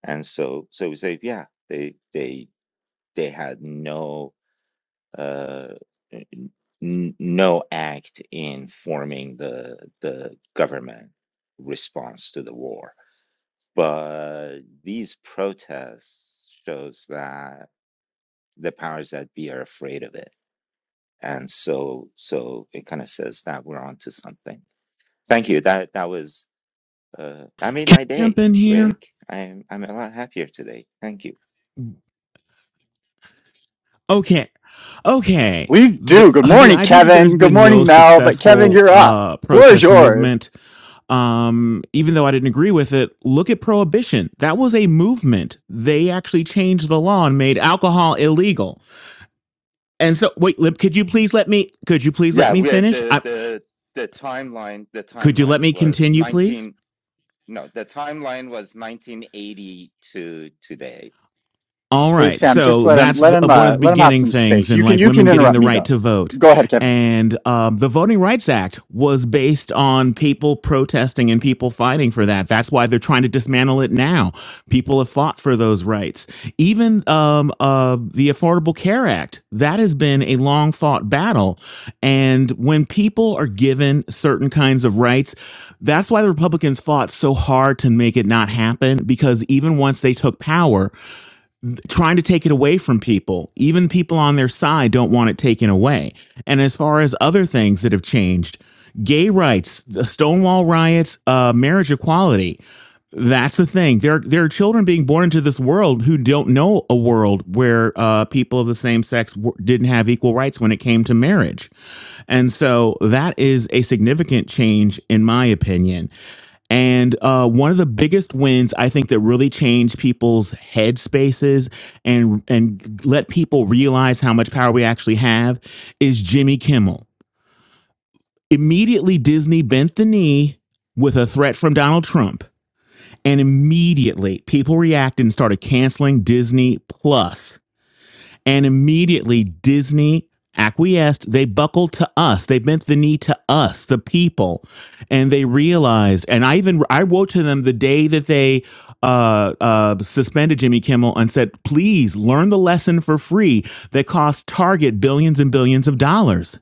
S4: and so so we say, yeah, they they they had no uh, n- n- no act in forming the the government response to the war. But these protests shows that the powers that be are afraid of it, and so so it kind of says that we're onto something. Thank you. That that was uh, that made my
S5: jump
S4: day,
S5: in here?
S4: Rick. I'm I'm a lot happier today. Thank you.
S5: Okay, okay.
S1: We
S5: The
S1: do. Good
S5: the
S1: morning,
S5: idea that there's
S1: Kevin. Good
S5: been no
S1: morning, Mel. But Kevin,
S5: successful
S1: you're up.
S5: uh
S1: Floor is
S5: protest
S1: yours.
S5: movement, um, even though I didn't agree with it, look at prohibition. That was a movement. They actually changed the law and made alcohol illegal. And so, wait, Lip, could you please let me? Could you please let
S4: Yeah,
S5: me
S4: we had
S5: finish?
S4: the
S5: I,
S4: the the timeline. The
S5: could you let
S4: timeline
S5: me
S4: was
S5: continue, please?
S4: 19. No, the timeline was 1980 to today.
S5: All
S1: Hey,
S5: right.
S1: Sam, just
S5: So
S1: let him
S5: that's
S1: let
S5: the, uh,
S1: him
S5: one of
S1: uh,
S5: the
S1: let him have
S5: beginning
S1: some
S5: things
S1: space. You
S5: and
S1: can
S5: like
S1: you can
S5: women getting
S1: interrupt
S5: the
S1: me
S5: right
S1: though.
S5: to vote.
S1: Go ahead, Kevin.
S5: And um, the Voting Rights Act was based on people protesting and people fighting for that. That's why they're trying to dismantle it now. People have fought for those rights. Even um, uh, the Affordable Care Act, that has been a long fought battle. And when people are given certain kinds of rights, that's why the Republicans fought so hard to make it not happen because even once they took power, trying to take it away from people. Even people on their side don't want it taken away. And as far as other things that have changed, gay rights, the Stonewall riots, uh, marriage equality, that's the thing. There, there are children being born into this world who don't know a world where uh, people of the same sex w- didn't have equal rights when it came to marriage. And so that is a significant change, in my opinion. And uh, one of the biggest wins, I think, that really changed people's headspaces and and let people realize how much power we actually have is Jimmy Kimmel. Immediately Disney bent the knee with a threat from Donald Trump and immediately people reacted and started canceling Disney Plus and immediately Disney acquiesced. They buckled to us. They bent the knee to us, the people. And they realized, and I even I wrote to them the day that they uh, uh, suspended Jimmy Kimmel and said, please learn the lesson for free that cost Target billions and billions of dollars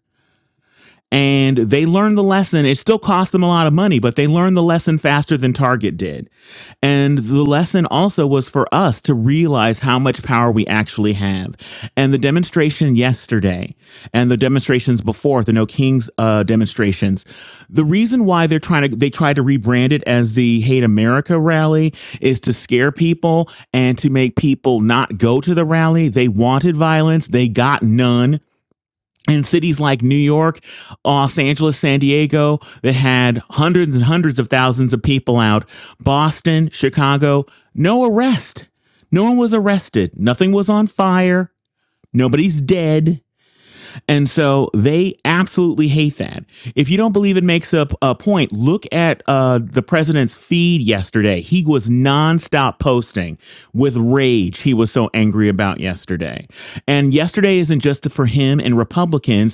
S5: and they learned the lesson. It still cost them a lot of money, but they learned the lesson faster than Target did. And the lesson also was for us to realize how much power we actually have. And the demonstration yesterday and the demonstrations before, the No Kings uh, demonstrations, the reason why they're trying to, they tried to rebrand it as the Hate America rally is to scare people and to make people not go to the rally. They wanted violence, they got none in cities like New York, Los Angeles, San Diego, that had hundreds and hundreds of thousands of people out, Boston, Chicago, no arrest. No one was arrested. Nothing was on fire. Nobody's dead. And so they absolutely hate that. If you don't believe it makes up a point, look at uh, the president's feed yesterday. He was nonstop posting with rage. He was so angry about yesterday. And yesterday isn't just for him and Republicans.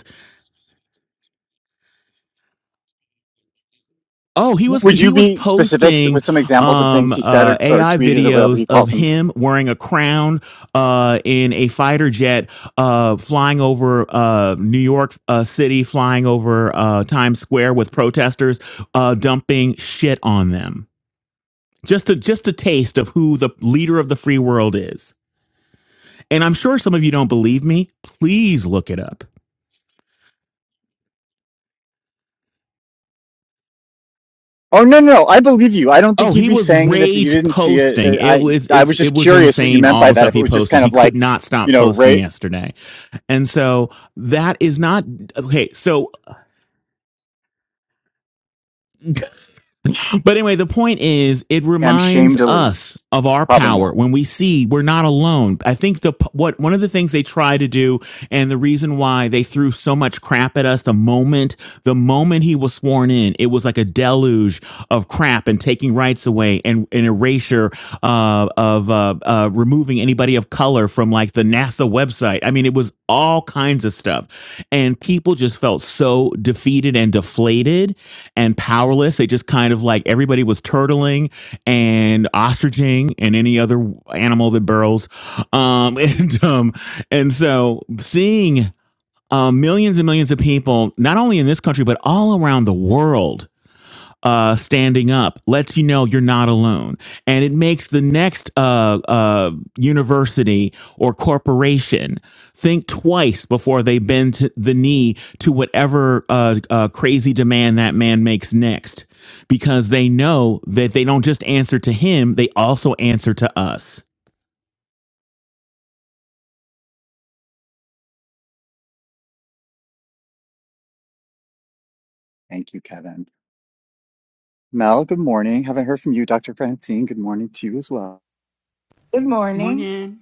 S5: Oh, he was
S1: Would you
S5: he was
S1: be specific
S5: posting
S1: with some examples of
S5: um
S1: things he said
S5: uh
S1: or, or
S5: AI
S1: tweeted or whatever
S5: videos
S1: he
S5: of
S1: calls them?
S5: him wearing a crown uh in a fighter jet uh flying over uh New York uh, City flying over uh Times Square with protesters uh dumping shit on them. Just to just a taste of who the leader of the free world is. And I'm sure some of you don't believe me. Please look it up.
S1: Oh no, no, no, I believe you. I don't think
S5: Oh,
S1: you'd
S5: he
S1: be
S5: was
S1: saying it if you
S5: rage
S1: didn't see it.
S5: posting.
S1: Uh,
S5: It
S1: I
S5: was
S1: I
S5: it's
S1: was
S5: it
S1: just
S5: was
S1: curious what you
S5: insane
S1: meant
S5: all
S1: by
S5: the
S1: that.
S5: stuff
S1: If it
S5: he
S1: was just
S5: posted.
S1: kind
S5: He
S1: of
S5: could
S1: like,
S5: not
S1: you
S5: stop
S1: know,
S5: posting
S1: Ray
S5: yesterday. And so that is not okay. So But anyway, the point is, it
S1: M
S5: reminds
S1: shame
S5: us
S1: deletes,
S5: of our
S1: probably
S5: power
S1: not.
S5: when we see we're not alone. I think the what one of the things they try to do, and the reason why they threw so much crap at us the moment the moment he was sworn in, it was like a deluge of crap and taking rights away and an erasure uh, of uh, uh, removing anybody of color from like the NASA website. I mean, it was all kinds of stuff, and people just felt so defeated and deflated and powerless. They just kind of like everybody was turtling and ostriching and any other animal that burrows. Um, and um, and so seeing uh, millions and millions of people, not only in this country but all around the world, uh, standing up lets you know you're not alone. And it makes the next uh, uh, university or corporation think twice before they bend t- the knee to whatever uh, uh, crazy demand that man makes next, because they know that they don't just answer to him, they also answer to us.
S1: Thank you, Kevin. Mel, good morning. Haven't heard from you, Dr. Francine. Good morning to you as well.
S6: Good morning.
S7: Morning.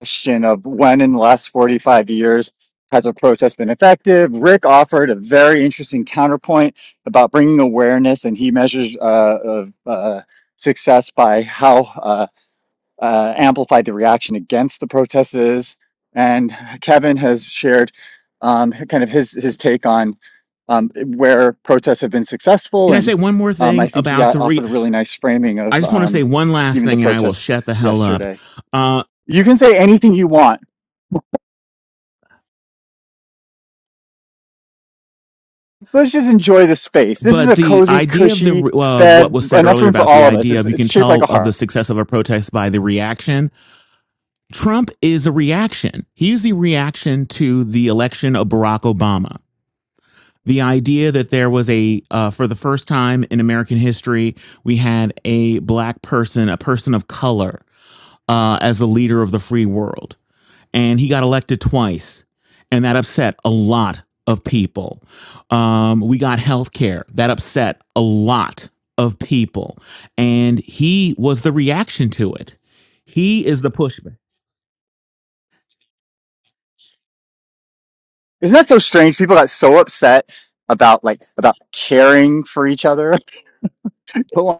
S1: question of when in the last 45 years has a protest been effective. Rick offered a very interesting counterpoint about bringing awareness, and he measures uh, of, uh, success by how uh, uh, amplified the reaction against the protests is. And Kevin has shared um, kind of his his take on um, where protests have been successful,
S5: Can I say
S1: and
S5: one more
S1: um, I
S5: thing
S1: think he
S5: about
S1: uh,
S5: the re?
S1: offered a really nice framing
S5: I
S1: of
S5: just want to say
S1: um,
S5: one last
S1: even the
S5: thing, and I will
S1: protests
S5: shut the hell up.
S1: yesterday.
S5: Uh,
S1: You can say anything you want Let's just enjoy the space. This is
S5: But
S1: a
S5: the
S1: cozy,
S5: idea of the
S1: cushy
S5: uh, what
S1: bed,
S5: was said
S1: enough
S5: earlier
S1: room for
S5: about the
S1: all of us.
S5: idea
S1: It's
S5: of you
S1: it's
S5: can
S1: shaped like
S5: tell
S1: a
S5: of the
S1: heart.
S5: success of a protest by the reaction. Trump is a reaction. He is the reaction to the election of Barack Obama. The idea that there was a uh, for the first time in American history we had a black person, a person of color, uh, as the leader of the free world and he got elected twice, and that upset a lot of people. Um, we got health care that upset a lot of people, and he was the reaction to it. He is the pushback.
S1: Isn't that so strange? People got so upset about like about caring for each other. A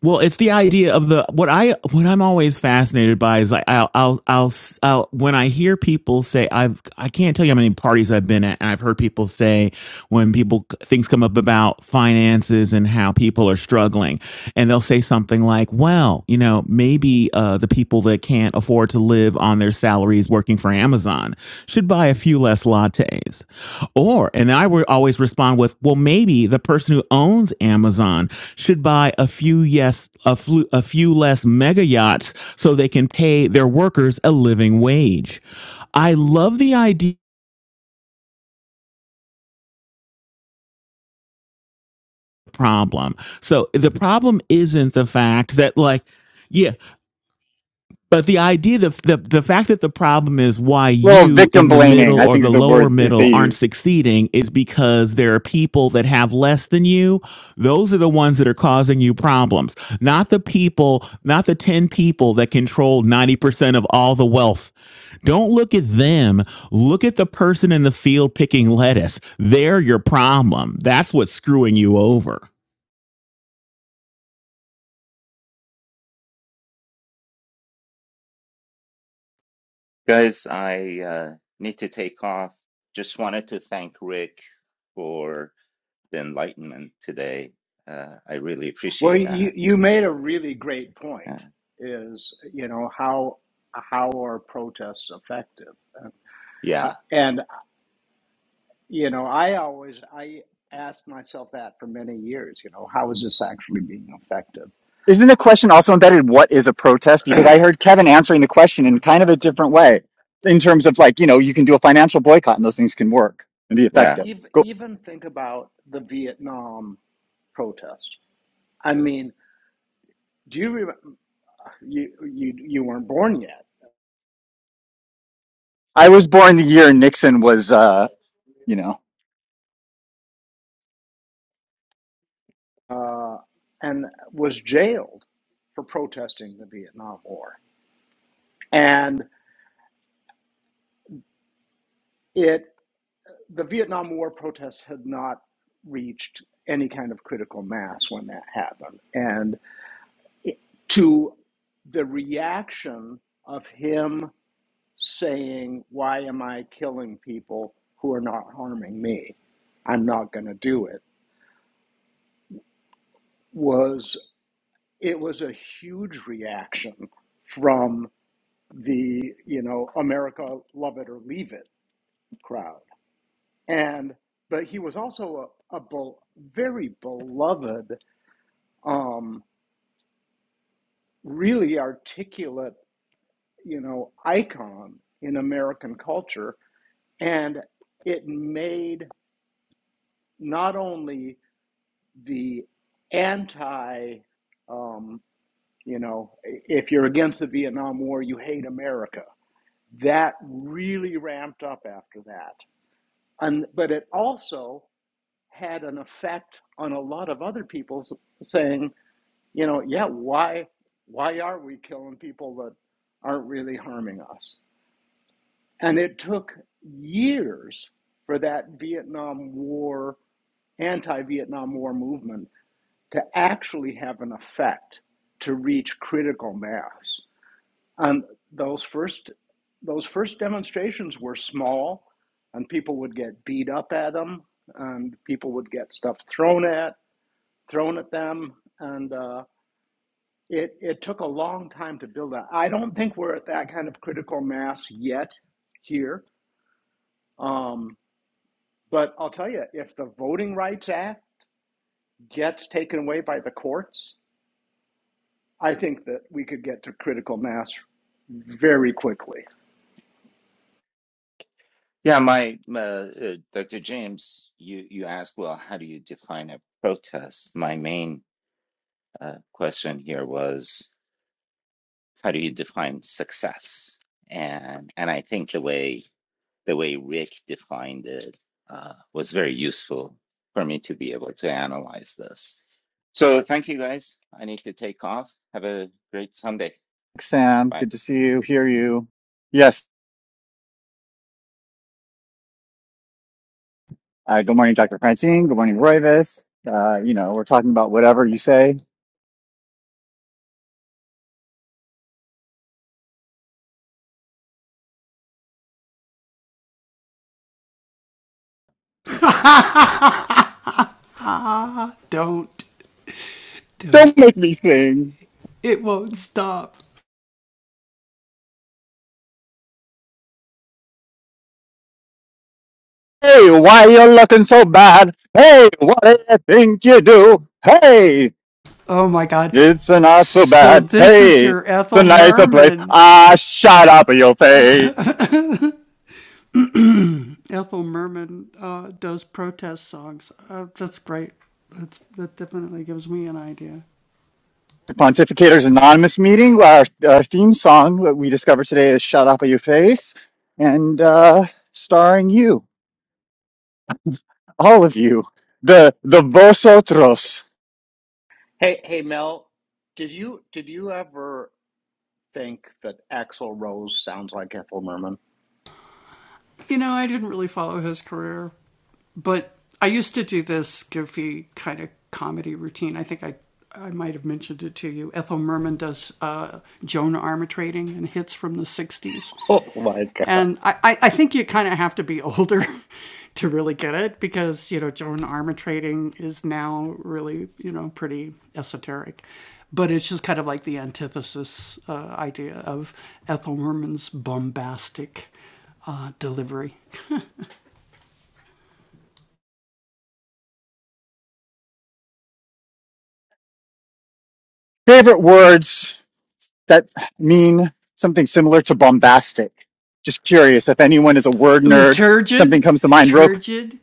S5: Well, it's the idea of the what I what I'm always fascinated by is like I'll I'll I'll, I'll when I hear people say I've I can't tell you how many parties I've been at and I've heard people say when people things come up about finances and how people are struggling and they'll say something like, "Well, you know, maybe uh, the people that can't afford to live on their salaries working for Amazon should buy a few less lattes. Or, and I would always respond with, well, maybe the person who owns Amazon should buy a few yes, a, flu, a few less mega yachts so they can pay their workers a living wage. I love the idea of the problem. So the problem isn't the fact that like, yeah, But the idea that the, the fact that the problem is why
S1: Little
S5: you
S1: victim
S5: in the
S1: blaming,
S5: middle
S1: I
S5: or
S1: think
S5: the
S1: the
S5: lower
S1: word is
S5: middle
S1: they
S5: aren't
S1: use.
S5: succeeding is because there are people that have less than you. Those are the ones that are causing you problems, not the people, not the 10 people that control 90% of all the wealth. Don't look at them. Look at the person in the field picking lettuce. They're your problem. That's what's screwing you over.
S4: Guys, I uh, need to take off. Just wanted to thank Rick for the enlightenment today. Uh, I really
S2: well
S4: appreciate
S2: you,
S4: that.
S2: you
S4: You,
S2: made a really great point
S4: uh,
S2: is you know how how are protests effective uh,
S4: yeah,
S2: and you know i always i asked myself that for many years you know how is this actually being effective
S1: Isn't the question also embedded what is a protest? Because I heard Kevin answering the question in kind of a different way in terms of like, you know, you can do a financial boycott and those things can work and be
S2: think
S4: yeah,
S1: effective.
S2: even
S1: Go.
S2: even think about the Vietnam protests. I mean, do you remember? You you you weren't born yet,
S1: I was born the year Nixon was uh, you know.
S2: uh, and was jailed for protesting the Vietnam War. And it the Vietnam War protests had not reached any kind of critical mass when that happened, and it, to the reaction of him saying, Why am I killing people who are not harming me? I'm not going to do it. Was it was a huge reaction from the, you know, America, love it or leave it crowd. And, but he was also a, a bel- very beloved, um, really articulate, you know, icon in American culture. And it made not only the anti, um, you know, if you're against the Vietnam War, you hate America. That really ramped up after that. And, but it also had an effect on a lot of other people saying, you know, yeah, why, why are we killing people that aren't really harming us? And it took years for that Vietnam War, anti Vietnam War movement to actually have an effect to reach critical mass. And those first those first demonstrations were small, and people would get beat up at them, and people would get stuff thrown at thrown at them, and uh, it it took a long time to build that. I don't think we're at that kind of critical mass yet here, um, but I'll tell you, if the Voting Rights Act gets taken away by the courts, I think that we could get to critical mass very quickly.
S4: yeah. My uh, uh, Dr. James, you you asked, well, how do you define a protest? My main uh, question here was, how do you define success? And and I think the way the way Rick defined it uh, was very useful for me to be able to analyze this. So thank you guys. I need to take off. Have a great Sunday.
S1: Sam.
S4: Bye.
S1: Good to see you, hear you. Yes. Uh, good morning, Dr. Francine. Good morning, Royvis. Uh, you know, we're talking about whatever you say.
S7: Don't,
S1: Don't
S7: don't.
S1: make me sing.
S7: It won't stop.
S1: Hey, why you looking so bad? Hey, what do you think you do? Hey,
S7: Oh my God.
S1: it's not so
S7: So
S1: bad.
S7: this is
S1: Hey,
S7: your
S1: the
S7: Ethel
S1: nicer place.
S7: Merman.
S1: Ah, shut up, your face.
S7: Ethel Merman uh, does protest songs. Uh, that's great. That's, that definitely gives me an idea.
S1: Pontificator's Anonymous meeting. Our, our theme song that we discovered today is "Shut Up, Your Face," and uh, starring you. all of you the the vosotros
S2: Hey, hey, Mel, did you did you ever think that Axl Rose sounds like Ethel Merman?
S7: You know, I didn't really follow his career, but I used to do this goofy kind of comedy routine. I think I I might have mentioned it to you. Ethel Merman does uh, Joan Armatrading and hits from the '60s,
S2: Oh my God!
S7: And I, I, think you kind of have to be older to really get it because, you know, German armor trading is now really, you know, pretty esoteric. But it's just kind of like the antithesis uh, idea of Ethel Merman's bombastic uh, delivery.
S1: favorite words that mean something similar to bombastic just curious if anyone is a word
S7: Ooh,
S1: nerd
S7: turgid,
S1: something comes to mind real
S7: turgid.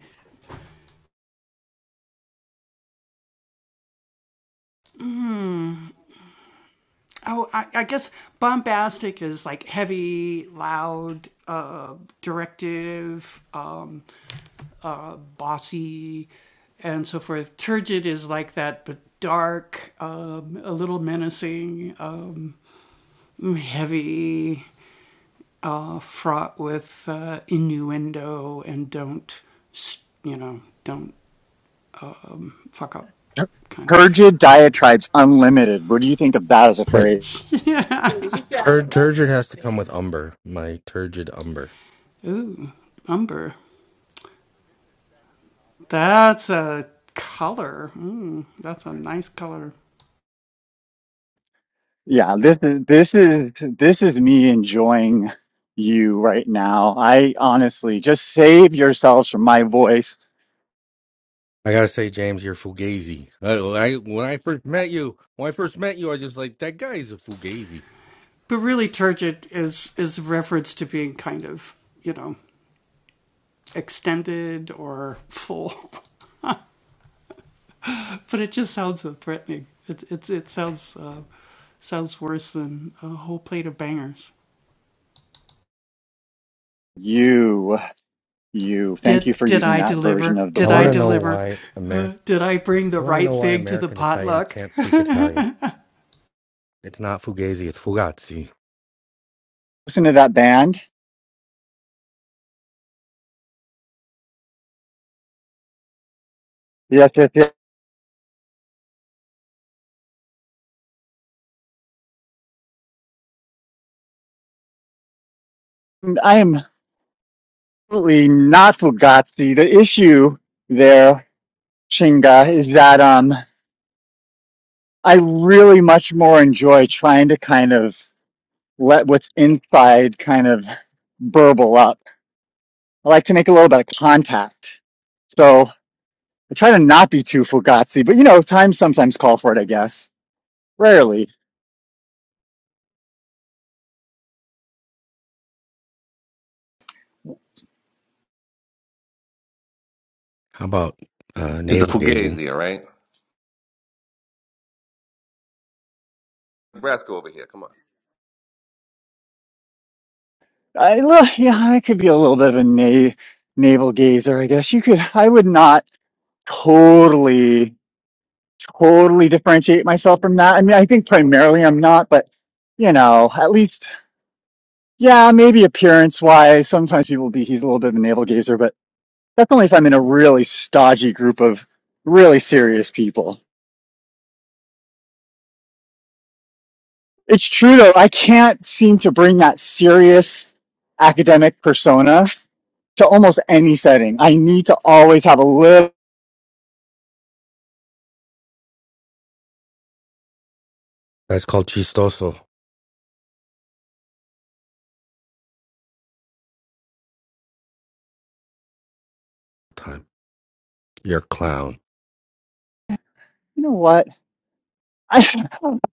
S7: Oh, I, I guess bombastic is like heavy, loud, uh, directive, um, uh, bossy, and so forth. Turgid is like that, but dark, um, a little menacing, um, heavy, uh, fraught with uh, innuendo, and don't, you know, don't fuck up
S1: quick
S7: kind of
S1: turgid
S7: vibe.
S1: diatribes unlimited what do you think of that as a
S3: But
S1: phrase
S7: yeah.
S3: tur- turgid has to come with umber. My turgid umber.
S7: Ooh, umber. That's a color. Mm, that's a nice color.
S1: yeah this is this is this is me enjoying you right now i honestly just save yourselves from my voice
S3: I gotta say, James, you're fugazi. Uh, when I, when I first met you, when I first met you, I just like that guy is a fugazi.
S7: But really, turgid is is reference to being kind of you know extended or full, but it just sounds so threatening. It it it sounds uh, sounds worse than a whole plate of bangers.
S1: you you thank
S7: Did
S1: you for
S7: did
S1: using
S7: I
S1: that version
S7: deliver?
S1: of the
S3: I
S7: Did
S3: want
S7: I
S3: to
S1: word
S3: know
S7: deliver?
S3: why Amer.
S7: Uh, did I bring the
S3: I want to
S7: right
S3: know why
S7: thing to the
S3: American Italians
S7: potluck?
S3: can't speak Italian. It's not fugazi. It's fugazzi.
S1: listen to that band Yes, yes, yes. I am absolutely not Fugazi. The issue there, Chinga, is that um, I really much more enjoy trying to kind of let what's inside kind of burble up. I like to make a little bit of contact. So I try to not be too Fugazi, but you know, times sometimes call for it, I guess. Rarely.
S3: How about uh,
S8: It's a
S3: navel gazing?
S8: Fugazi, all right? Nebraska over here. Come on.
S1: I, li- yeah, I could be a little bit of a na- navel gazer, I guess. You could, I would not totally totally differentiate myself from that. I mean, I think primarily I'm not, but you know, at least, yeah, maybe appearance wise, sometimes people will be, he's a little bit of a navel gazer, but definitely if I'm in a really stodgy group of really serious people. It's true though, I can't seem to bring that serious academic persona to almost any setting. I need to always have a little
S3: That's called chistoso. Time. You're a clown.
S1: you know what? I, in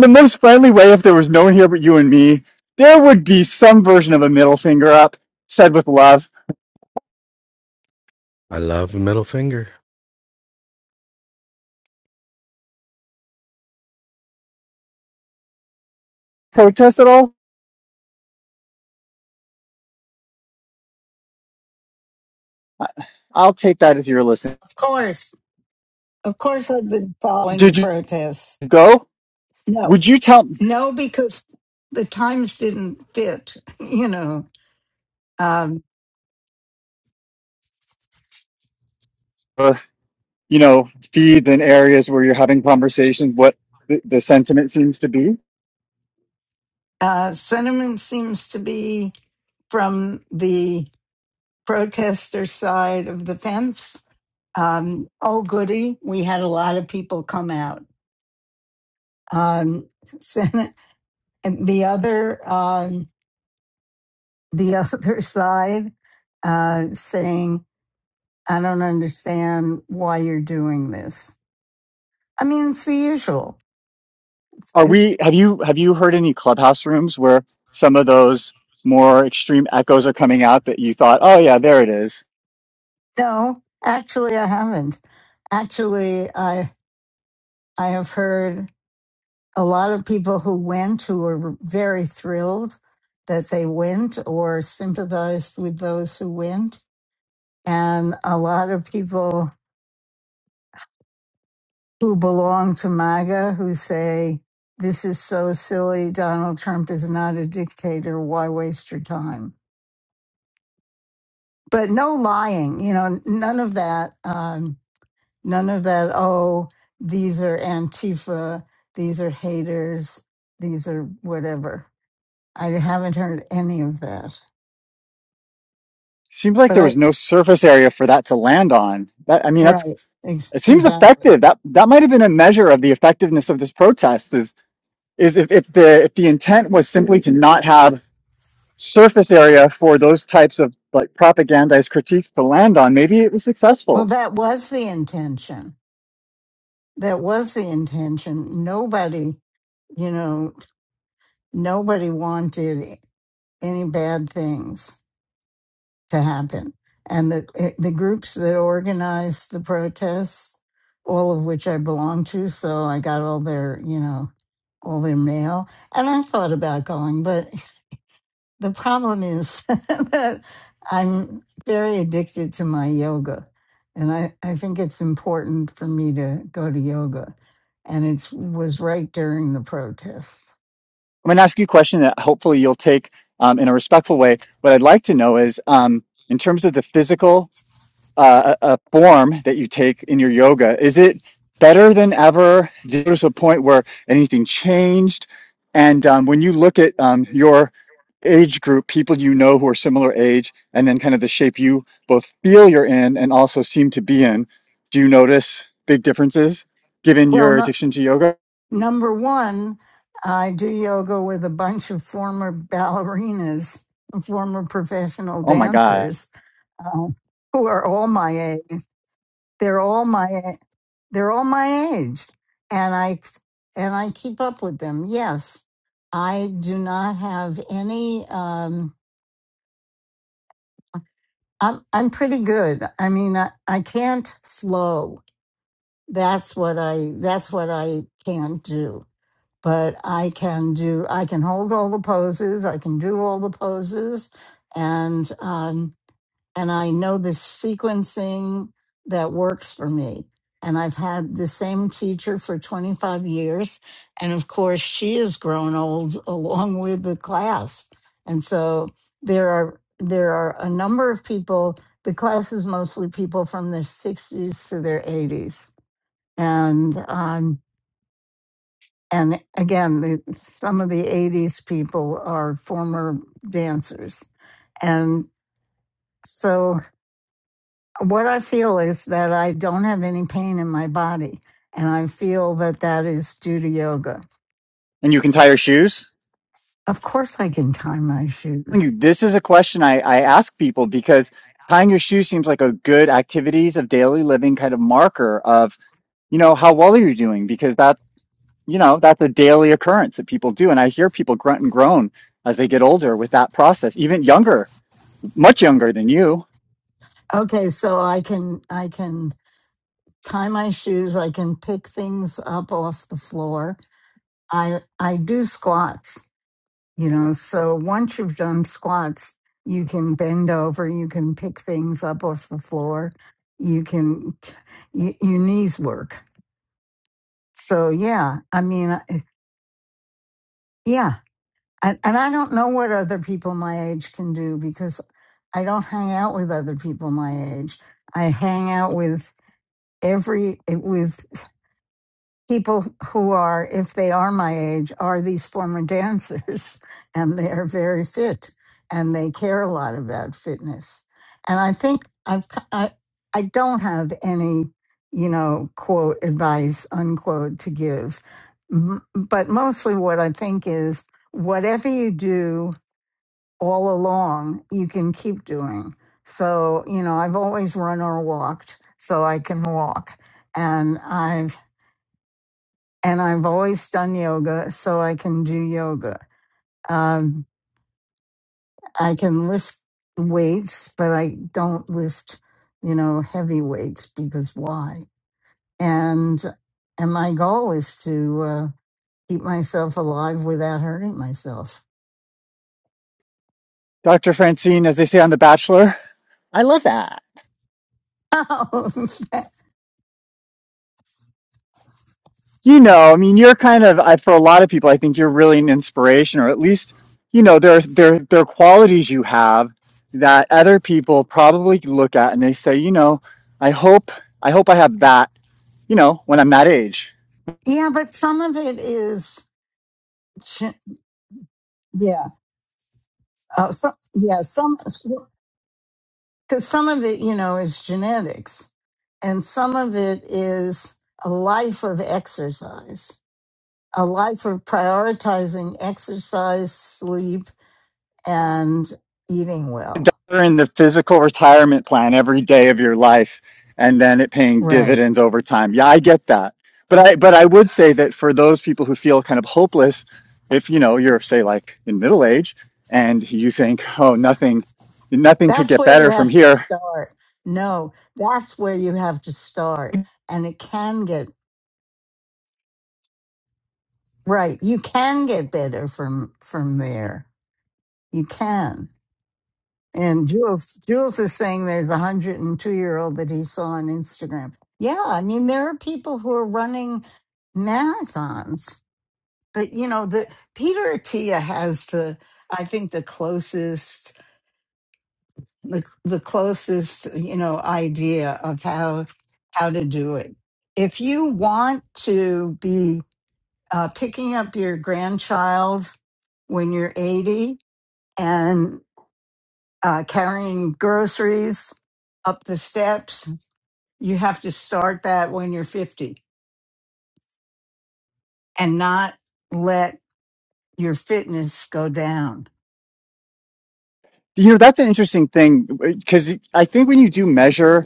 S1: the most friendly way, if there was no one here but you and me, there would be some version of a middle finger up said with love.
S3: I love a middle finger.
S1: Protest at all? I, I'll take that as your listen.
S6: Of course. Of course, I've been following the
S1: Did you
S6: protests.
S1: go?
S6: No,
S1: Would you tell,
S6: no, because the times didn't fit, you know. Um,
S1: uh, you know, feed in areas where you're having conversations what the, the sentiment seems to be?
S6: uh, sentiment seems to be from the protester side of the fence. Um, oh, goody. We had a lot of people come out. Um, sen- and the other, um, the other side uh, saying I don't understand why you're doing this. I mean, it's the usual. It's,
S1: Are
S6: it's
S1: we, have you, have you heard any clubhouse rooms where some of those more extreme echoes are coming out that you thought, oh yeah, there it is?
S6: no, actually, I haven't. Actually, I I have heard a lot of people who went who were very thrilled that they went or sympathized with those who went, and a lot of people who belong to MAGA who say. This is so silly. Donald Trump is not a dictator. Why waste your time? but no lying you know none of that um none of that oh these are antifa these are haters these are whatever i haven't heard any of that
S1: Seems like
S6: but
S1: there
S6: i
S1: was no surface area for that to land on. That I mean, that's
S6: right ex-
S1: it seems
S6: exactly
S1: effective. That that might have been a measure of the effectiveness of this protest. Is is if, if the if the intent was simply to not have surface area for those types of like propagandized critiques to land on, maybe it was
S6: well
S1: successful.
S6: that was the intention that was the intention nobody you know nobody wanted any bad things to happen. And the eh, the groups that organized the protests, all of which I belong to, so I got all their, you know, all their mail. And I thought about going, but the problem is that I'm very addicted to my yoga. And I, I think it's important for me to go to yoga. And it was right during the protests.
S1: I'm going to ask you a question that hopefully you'll take um, in a respectful way. What I'd like to know is um, in terms of the physical uh, a, a form that you take in your yoga is it better than ever did you notice a point where anything changed and um, when you look at um, your age group people you know who are similar age and then kind of the shape you both feel you're in and also seem to be in do you notice big differences given
S6: Well,
S1: your
S6: no.
S1: addiction to yoga
S6: Number one, I do yoga with a bunch of former ballerinas, former professional
S1: oh my god
S6: dancers, uh, who are all my age. They're all my a- they're all my age, and I and I keep up with them. Yes, I do not have any. Um, I'm I'm pretty good. I mean, I, I can't flow. That's what I that's what I can't do but I can do I can hold all the poses, I can do all the poses, and um, and I know the sequencing that works for me. And I've had the same teacher for 25 years, and of course she has grown old along with the class. And so there are there are a number of people. The class is mostly people from their 60s to their 80s, and um, and again, the, some of the 80s people are former dancers. And so what I feel is that I don't have any pain in my body. And I feel that that is due to yoga.
S1: and you can tie your shoes
S6: Of course, I can tie my
S1: I'm
S6: shoes.
S1: telling you this is a question I, I ask people because tying your shoes seems like a good activities of daily living kind of marker of you know, how well are you doing? Because that's, you know, that's a daily occurrence that people do. And I hear people grunt and groan as they get older with that process, even younger, much younger than you.
S6: Okay, so I can I can tie my shoes. I can pick things up off the floor. I I do squats You know, so once you've done squats, you can bend over, you can pick things up off the floor, you can, y- your knees work. So, yeah, I mean, I- yeah. And, and I don't know what other people my age can do because I don't hang out with other people my age. I hang out with every, with people who are, if they are my age, are these former dancers and they are very fit and they care a lot about fitness. And I think I've, ki- I, I don't have any, you know, quote advice, unquote, to give. M- But mostly what I think is whatever you do all along, you can keep doing. So, you know, I've always run or walked, so I can walk. And I've and I've always done yoga, so I can do yoga. Um, I can lift weights, but I don't lift, you know, heavy weights because why? And and my goal is to uh, keep myself alive without hurting myself.
S1: Dr. Francine, as they say on The Bachelor, I love that.
S6: yeah,
S1: you know, I mean, you're kind of I, for a lot of people, I think you're really an inspiration, or at least, you know, there's there there are qualities you have that other people probably look at and they say, you know, I hope I hope I have that, you know, when I'm that age.
S6: but some of it is, ch- yeah, uh, so, yeah, some. because some of it, you know, is genetics, and some of it is a life of exercise, a life of prioritizing exercise, sleep, and eating well.
S1: dollar in the physical retirement plan every day of your life and then it paying
S6: Right.
S1: dividends over time. Yeah, I get that. But I but I would say that for those people who feel kind of hopeless, if you know, you're say like in middle age and you think, "Oh, nothing nothing could
S6: That's
S1: get
S6: where you
S1: better from
S6: have to
S1: here."
S6: start. No, that's where you have to start, and it can get right. You can get better from from there. You can. And Jules, Jules is saying there's a hundred and two year old that he saw on Instagram. Yeah, I mean there are people who are running marathons, but you know the Peter Attia has the I think the closest the, the closest you know idea of how how to do it. If you want to be uh, picking up your grandchild when you're 80 uh, carrying groceries up the steps. You have to start that when you're 50 and not let your fitness go down.
S1: You know, that's an interesting thing because I think when you do measure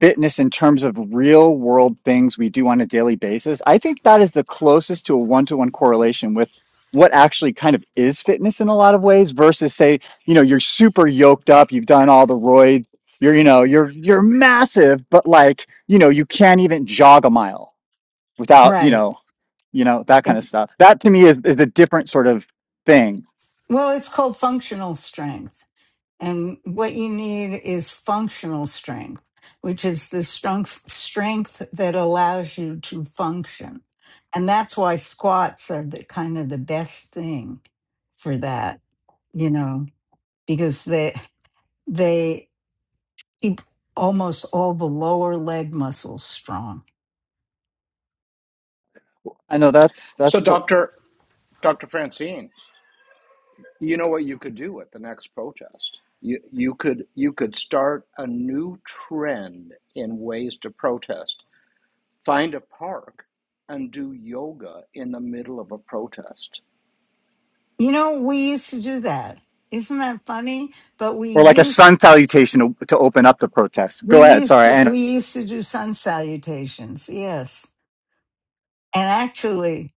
S1: fitness in terms of real world things we do on a daily basis, I think that is the closest to a one to one correlation with what actually kind of is fitness in a lot of ways versus say, you know, you're super yoked up, you've done all the roids, you're, you know, you're, you're massive, but like, you know, you can't even jog a mile without, you
S6: Right.
S1: know, you know, that kind of
S6: It's,
S1: stuff. That to me is, is a different sort of thing.
S6: well, it's called functional strength. And what you need is functional strength, which is the strength, strength that allows you to function. And that's why squats are the kind of the best thing for that, you know, because they, they keep almost all the lower leg muscles strong.
S1: I know that's,
S2: So,
S1: that's, to-
S2: Doctor Doctor Francine, you know what you could do at the next protest? You you could you could start a new trend in ways to protest. Find a park and do yoga in the middle of a protest
S6: You know, we used to do that. Isn't that funny? But we
S1: or like a
S6: used
S1: sun salutation to, to open up the protest.
S6: we
S1: Go ahead.
S6: used
S1: Sorry.
S6: to
S1: And
S6: we used to do sun salutations. Yes. And actually,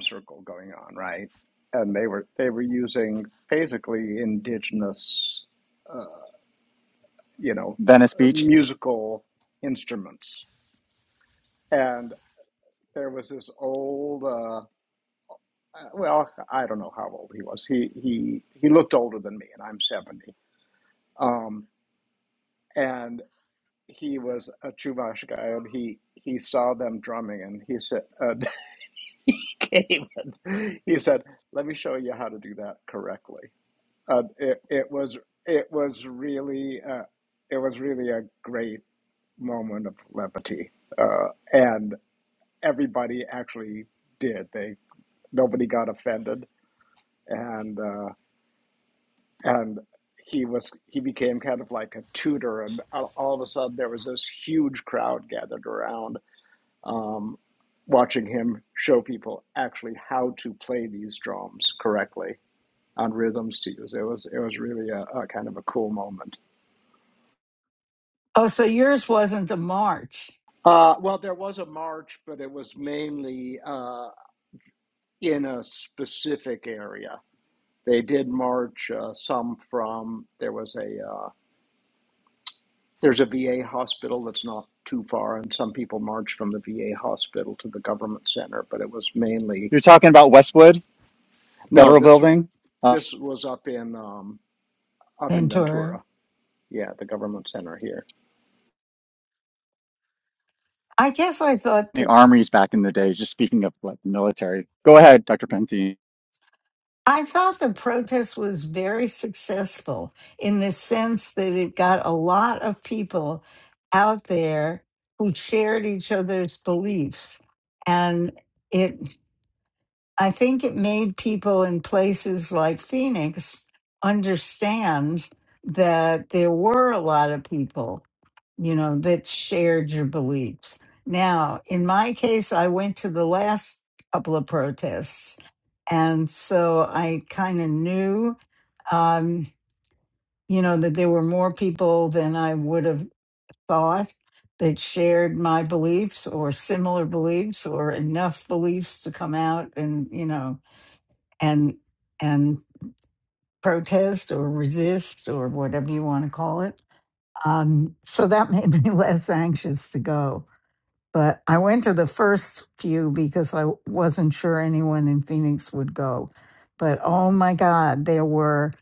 S2: circle going on, right? And they were they were using basically indigenous uh, you know,
S1: Venice Beach.
S2: musical instruments. And there was this old, uh, uh, well, I don't know how old he was. He he he looked older than me, and I'm seventy. Um, and he was a Chumash guy, and he he saw them drumming, and he said, uh, he came, and he said, "Let me show you how to do that correctly." Uh, it it was it was really uh, it was really a great moment of levity, uh, and everybody actually did. They nobody got offended, and uh, and he was he became kind of like a tutor, and all of a sudden there was this huge crowd gathered around, um, watching him show people actually how to play these drums correctly on rhythms to use. It was it was really a, a kind of a cool moment.
S6: oh, so yours wasn't a march,
S2: Uh, well, there was a march, but it was mainly uh, in a specific area They did march uh, some from there was a uh, there's a VA hospital that's not too far, and some people marched from the VA hospital to the government center. But it was mainly
S1: You're talking about Westwood
S2: no
S1: Federal
S2: this
S1: Building, uh,
S2: this was up in um, up in
S6: Ventura.
S2: Ventura, yeah, the government center here,
S6: I guess I thought.
S1: the armories back in the day. Just speaking of like military. Go ahead, Dr. Penty.
S6: I thought the protest was very successful in the sense that it got a lot of people out there who shared each other's beliefs. And it I think it made people in places like Phoenix understand that there were a lot of people, you know, that shared your beliefs. Now, in my case, I went to the last couple of protests. And so I kind of knew, um, you know, that there were more people than I would have thought that shared my beliefs or similar beliefs or enough beliefs to come out and, you know, and and protest or resist or whatever you want to call it. Um, so that made me less anxious to go. But I went to the first few because I wasn't sure anyone in Phoenix would go. But oh my God, there were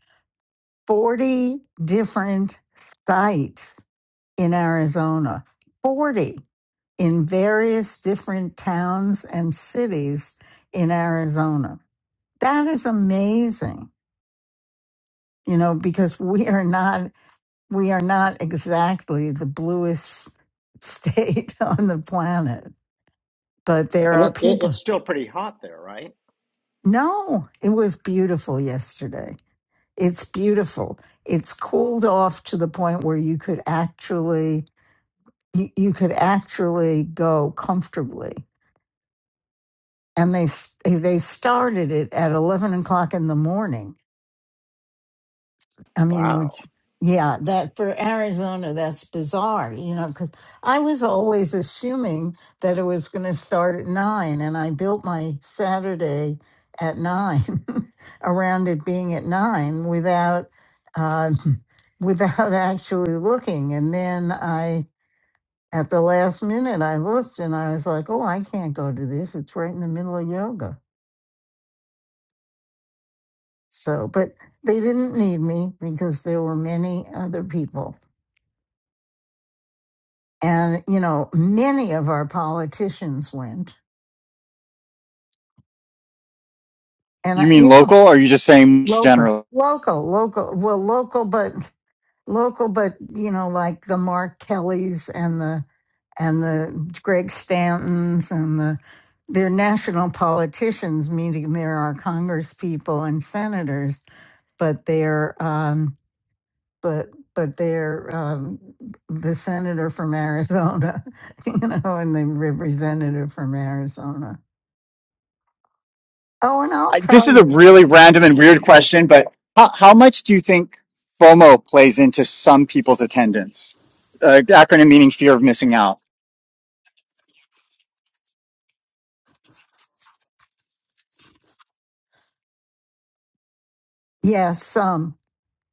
S6: 40 different sites in Arizona, 40 in various different towns and cities in Arizona. That is amazing. you know, because we are not we are not exactly the bluest state on the planet, but there
S2: and
S6: are
S2: it, it,
S6: people.
S2: it's still pretty hot there, right?
S6: No, it was beautiful yesterday. It's beautiful. It's cooled off to the point where you could actually you, you could actually go comfortably. And they s- they started it at eleven o'clock in the morning I mean, which,
S2: Wow,
S6: yeah, that for Arizona, that's bizarre, you know, because I was always assuming that it was going to start at nine, and I built my Saturday at nine around it being at nine without, uh, without actually looking. And then I, at the last minute, I looked and I was like, oh, I can't go to this. It's right in the middle of yoga. So, but they didn't need me because there were many other people And, you know, many of our politicians went. And,
S1: You
S6: I-
S1: mean
S6: you know,
S1: local, or are you just saying
S6: local,
S1: general?
S6: local, local, well, local, but local, but, you know, like the Mark Kellys and the, and the Greg Stantons and the, they're national politicians, meaning they're our Congress people and senators, but they're, um, but, but they're um, the senator from Arizona, you know, and the representative from Arizona Oh, and I'll
S1: I, this
S6: tell
S1: is a
S6: you.
S1: really random and weird question, but how, how much do you think FOMO plays into some people's attendance? Uh, acronym meaning fear of missing out.
S6: Yeah, some.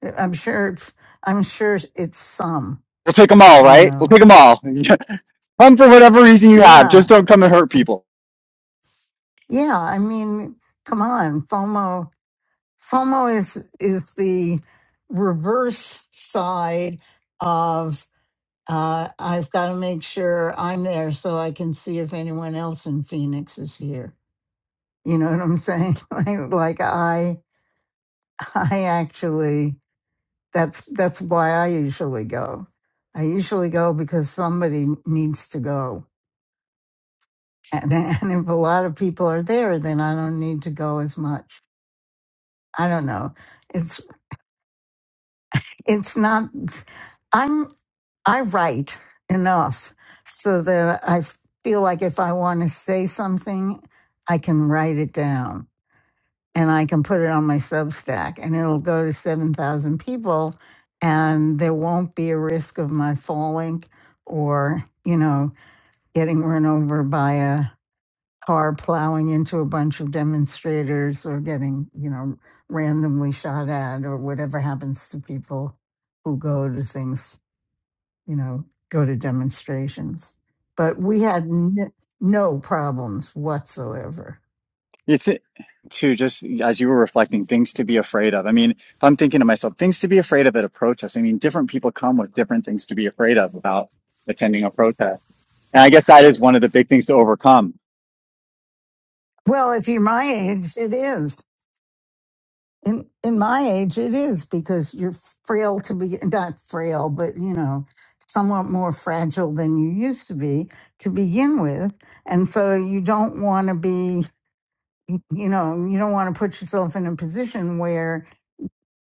S6: Uh, I'm sure. it's- I'm sure it's some.
S1: We'll take them all,
S6: You
S1: right? We'll
S6: know.
S1: take them all. come for whatever reason you have.
S6: Yeah,
S1: Just don't come and hurt people.
S6: yeah. I mean, come on, FOMO. FOMO is is the reverse side of uh, I've got to make sure I'm there so I can see if anyone else in Phoenix is here. You know what I'm saying? like, like I, I actually. that's that's why I usually go. I usually go because somebody needs to go, and and if a lot of people are there, then I don't need to go as much. I don't know. It's it's not. I'm I write enough so that I feel like if I want to say something, I can write it down and I can put it on my Substack and it'll go to 7,000 people and there won't be a risk of my falling or, you know, getting run over by a car plowing into a bunch of demonstrators or getting, you know, randomly shot at or whatever happens to people who go to things, you know, go to demonstrations. But we had n- no problems whatsoever.
S1: It's to just as you were reflecting, things to be afraid of. I mean, if I'm thinking to myself, things to be afraid of at a protest, I mean, different people come with different things to be afraid of about attending a protest. And I guess that is one of the big things to overcome.
S6: Well, if you're my age, it is. In in my age, it is because you're frail to be not frail, but you know, somewhat more fragile than you used to be to begin with, and so you don't want to be, you know, you don't want to put yourself in a position where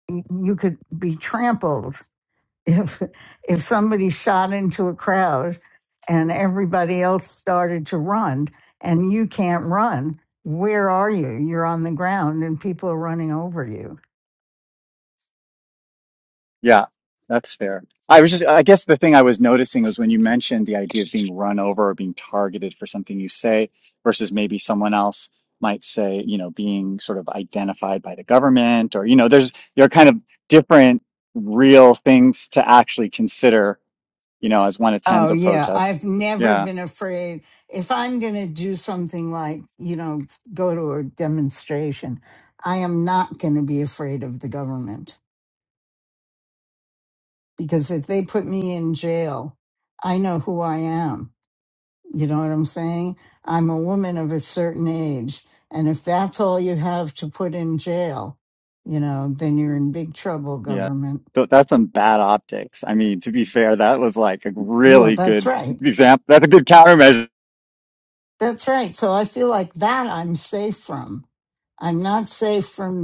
S6: y- you could be trampled if if somebody shot into a crowd and everybody else started to run and you can't run. Where are you? You're on the ground and people are running over you
S1: Yeah, that's fair. I was just, I guess the thing I was noticing was when you mentioned the idea of being run over or being targeted for something you say versus maybe someone else might say, you know, being sort of identified by the government or, you know, there's, there are kind of different real things to actually consider, you know, as one
S6: Oh,
S1: attends a
S6: yeah. I've
S1: protest.
S6: never
S1: Yeah,
S6: been afraid. If I'm going to do something like, you know, go to a demonstration, I am not going to be afraid of the government because if they put me in jail, I know who I am. You know what I'm saying? I'm a woman of a certain age. And if that's all you have to put in jail, you know, then you're in big trouble,
S1: yeah.
S6: government.
S1: Th- That's some bad optics. I mean, to be fair, that was like a
S6: Well,
S1: really
S6: that's
S1: good
S6: right.
S1: example. That's a good countermeasure.
S6: That's right. So I feel like that I'm safe from. I'm not safe from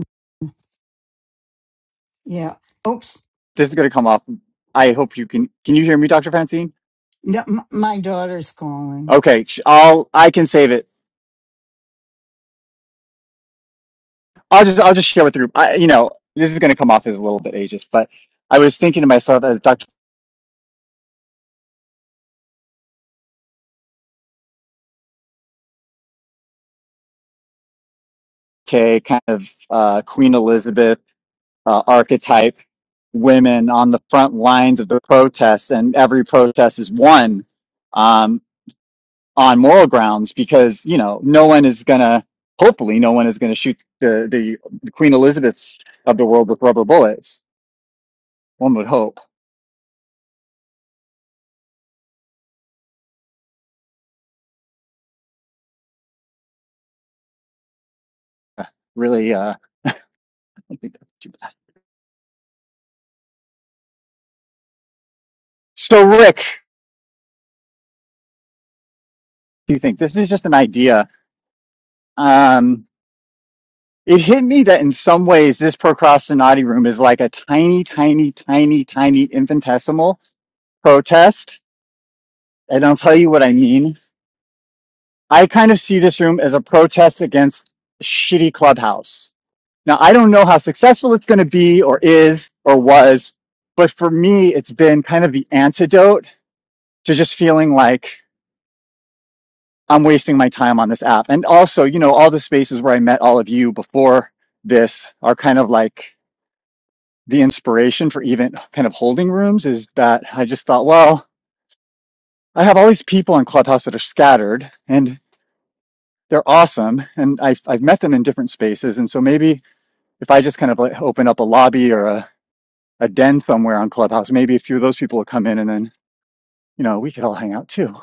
S6: Yeah. Oops.
S1: this is going to come off. I hope you can. Can you hear me, Doctor Francine?
S6: No, m- my daughter's calling.
S1: Okay, sh- I'll. I can save it. I'll just. I'll just share with the group. I, you know, this is going to come off as a little bit ageist, but I was thinking to myself as Doctor K, kind of uh, Queen Elizabeth uh, archetype women on the front lines of the protests, and every protest is won um, on moral grounds because you know no one is going to. Hopefully, no one is going to shoot the the Queen Elizabeths of the world with rubber bullets. One would hope really uh I don't think that's too bad. So Rick, what do you think this is just an idea? Um it hit me that in some ways this procrastinati room is like a tiny, tiny, tiny, tiny infinitesimal protest. And I'll tell you what I mean. I kind of see this room as a protest against shitty clubhouse. Now I don't know how successful it's gonna be or is or was, but for me it's been kind of the antidote to just feeling like I'm wasting my time on this app. And also, you know, all the spaces where I met all of you before this are kind of like the inspiration for even kind of holding rooms is that I just thought, well, I have all these people on Clubhouse that are scattered and they're awesome. And I've, I've met them in different spaces. And so maybe if I just kind of like open up a lobby or a, a den somewhere on Clubhouse, maybe a few of those people will come in and then, you know, we could all hang out too.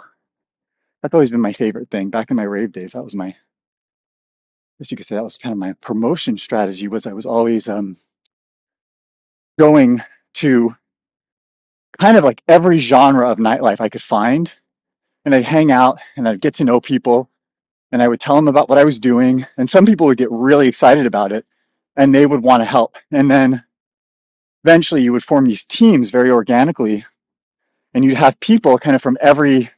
S1: That's always been my favorite thing. Back in my rave days, that was my as you could say, that was kind of my promotion strategy was I was always um, going to kind of like every genre of nightlife I could find. And I'd hang out and I'd get to know people and I would tell them about what I was doing. And some people would get really excited about it and they would want to help. And then eventually you would form these teams very organically and you'd have people kind of from every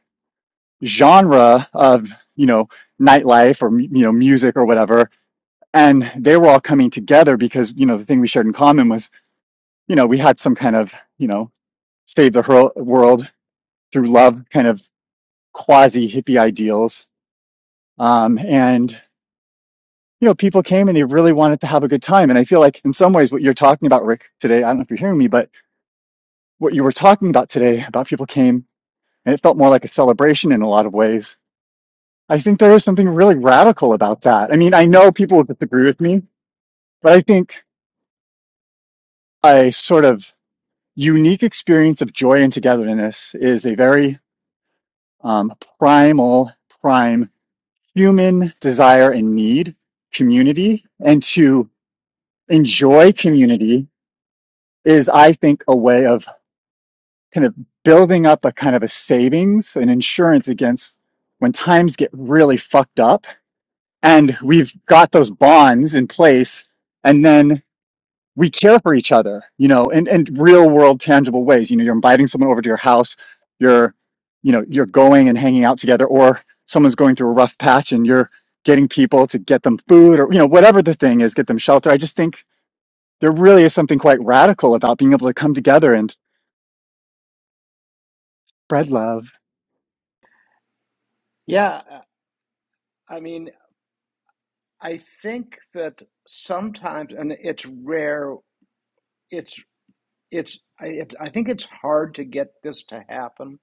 S1: genre of, you know, nightlife or, you know, music or whatever. And they were all coming together because, you know, the thing we shared in common was you know, we had some kind of, you know, save the world through love kind of quasi hippie ideals. Um, and, you know, people came and they really wanted to have a good time. And I feel like in some ways what you're talking about, Rick, today, I don't know if you're hearing me, but what you were talking about today about people came and it felt more like a celebration in a lot of ways. I think there is something really radical about that. I mean, I know people will disagree with me, but I think a sort of unique experience of joy and togetherness is a very um, primal, prime human desire and need, community, and to enjoy community is, I think, a way of kind of building up a kind of a savings and insurance against when times get really fucked up and we've got those bonds in place. And then we care for each other, you know, in, in real world, tangible ways. You know, you're inviting someone over to your house, you're, you know, you're going and hanging out together, or someone's going through a rough patch and you're getting people to get them food or, you know, whatever the thing is, get them shelter. I just think there really is something quite radical about being able to come together and spread love,
S2: yeah. uh, I mean, I think that sometimes, and it's rare. It's it's I, it's I think it's hard to get this to happen.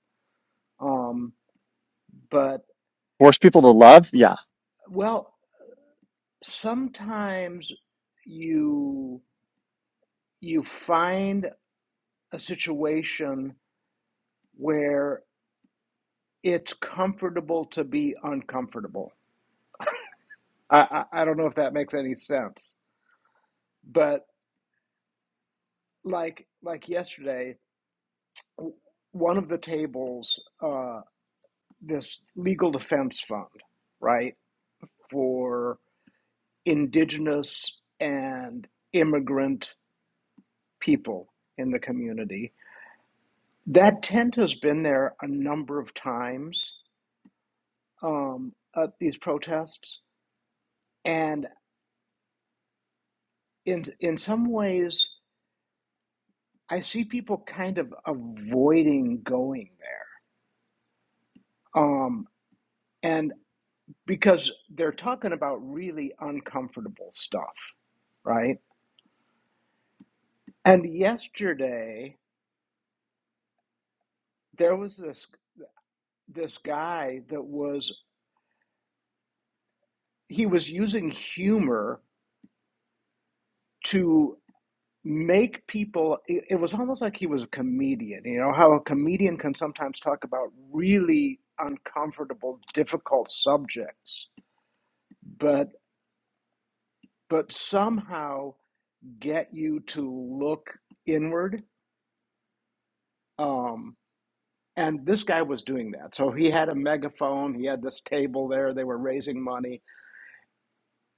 S2: Um, But
S1: force people to love. Yeah.
S2: well, sometimes you you find a situation where it's comfortable to be uncomfortable. I, I, I don't know if that makes any sense, but like like yesterday, one of the tables, uh, this legal defense fund, right, for indigenous and immigrant people in the community That tent has been there a number of times um, at these protests, and in in some ways, I see people kind of avoiding going there, um, and because they're talking about really uncomfortable stuff, right? And yesterday there was this this guy that was he was using humor to. make people it, it was almost like he was a comedian you know how a comedian can sometimes talk about really uncomfortable difficult subjects but but somehow get you to look inward um and this guy was doing that so he had a megaphone he had this table there they were raising money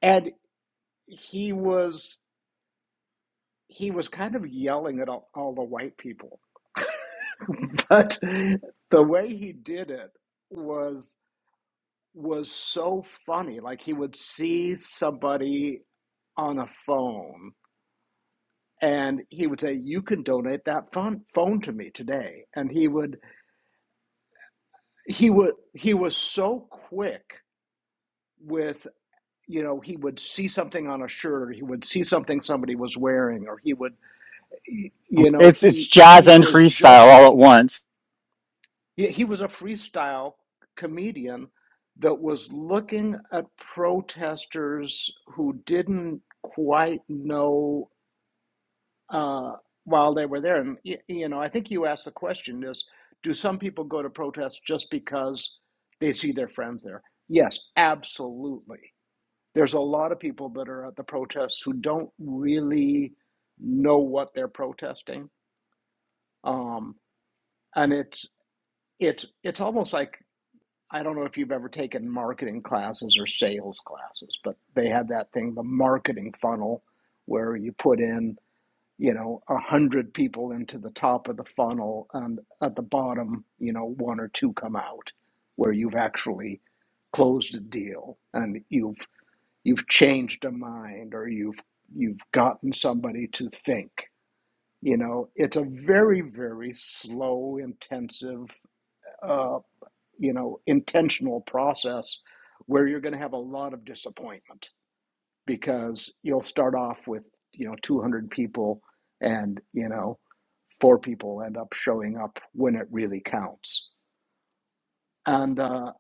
S2: and he was he was kind of yelling at all, all the white people but the way he did it was was so funny. Like he would see somebody on a phone and he would say, "You can donate that phone phone to me today." And he would he would he was so quick with you know he would see something on a shirt or he would see something somebody was wearing or he would you know
S1: It's, it's
S2: he he
S1: jazz and
S2: was
S1: freestyle
S2: just
S1: all at once.
S2: He, he was a freestyle comedian that was looking at protesters who didn't quite know uh, while they were there. And, you know, I think you asked the question is do some people go to protests just because they see their friends there? Yes, absolutely. There's a lot of people that are at the protests who don't really know what they're protesting. Um, and it's it's it's almost like I don't know if you've ever taken marketing classes or sales classes, but they have that thing, the marketing funnel, where you put in, you know, a hundred people into the top of the funnel, and at the bottom, you know, one or two come out, where you've actually closed a deal and you've you've changed a mind or you've you've gotten somebody to think. You know, it's a very very slow, intensive uh, you know intentional process where you're going to have a lot of disappointment because you'll start off with you know 200 people and you know four people end up showing up when it really counts and uh,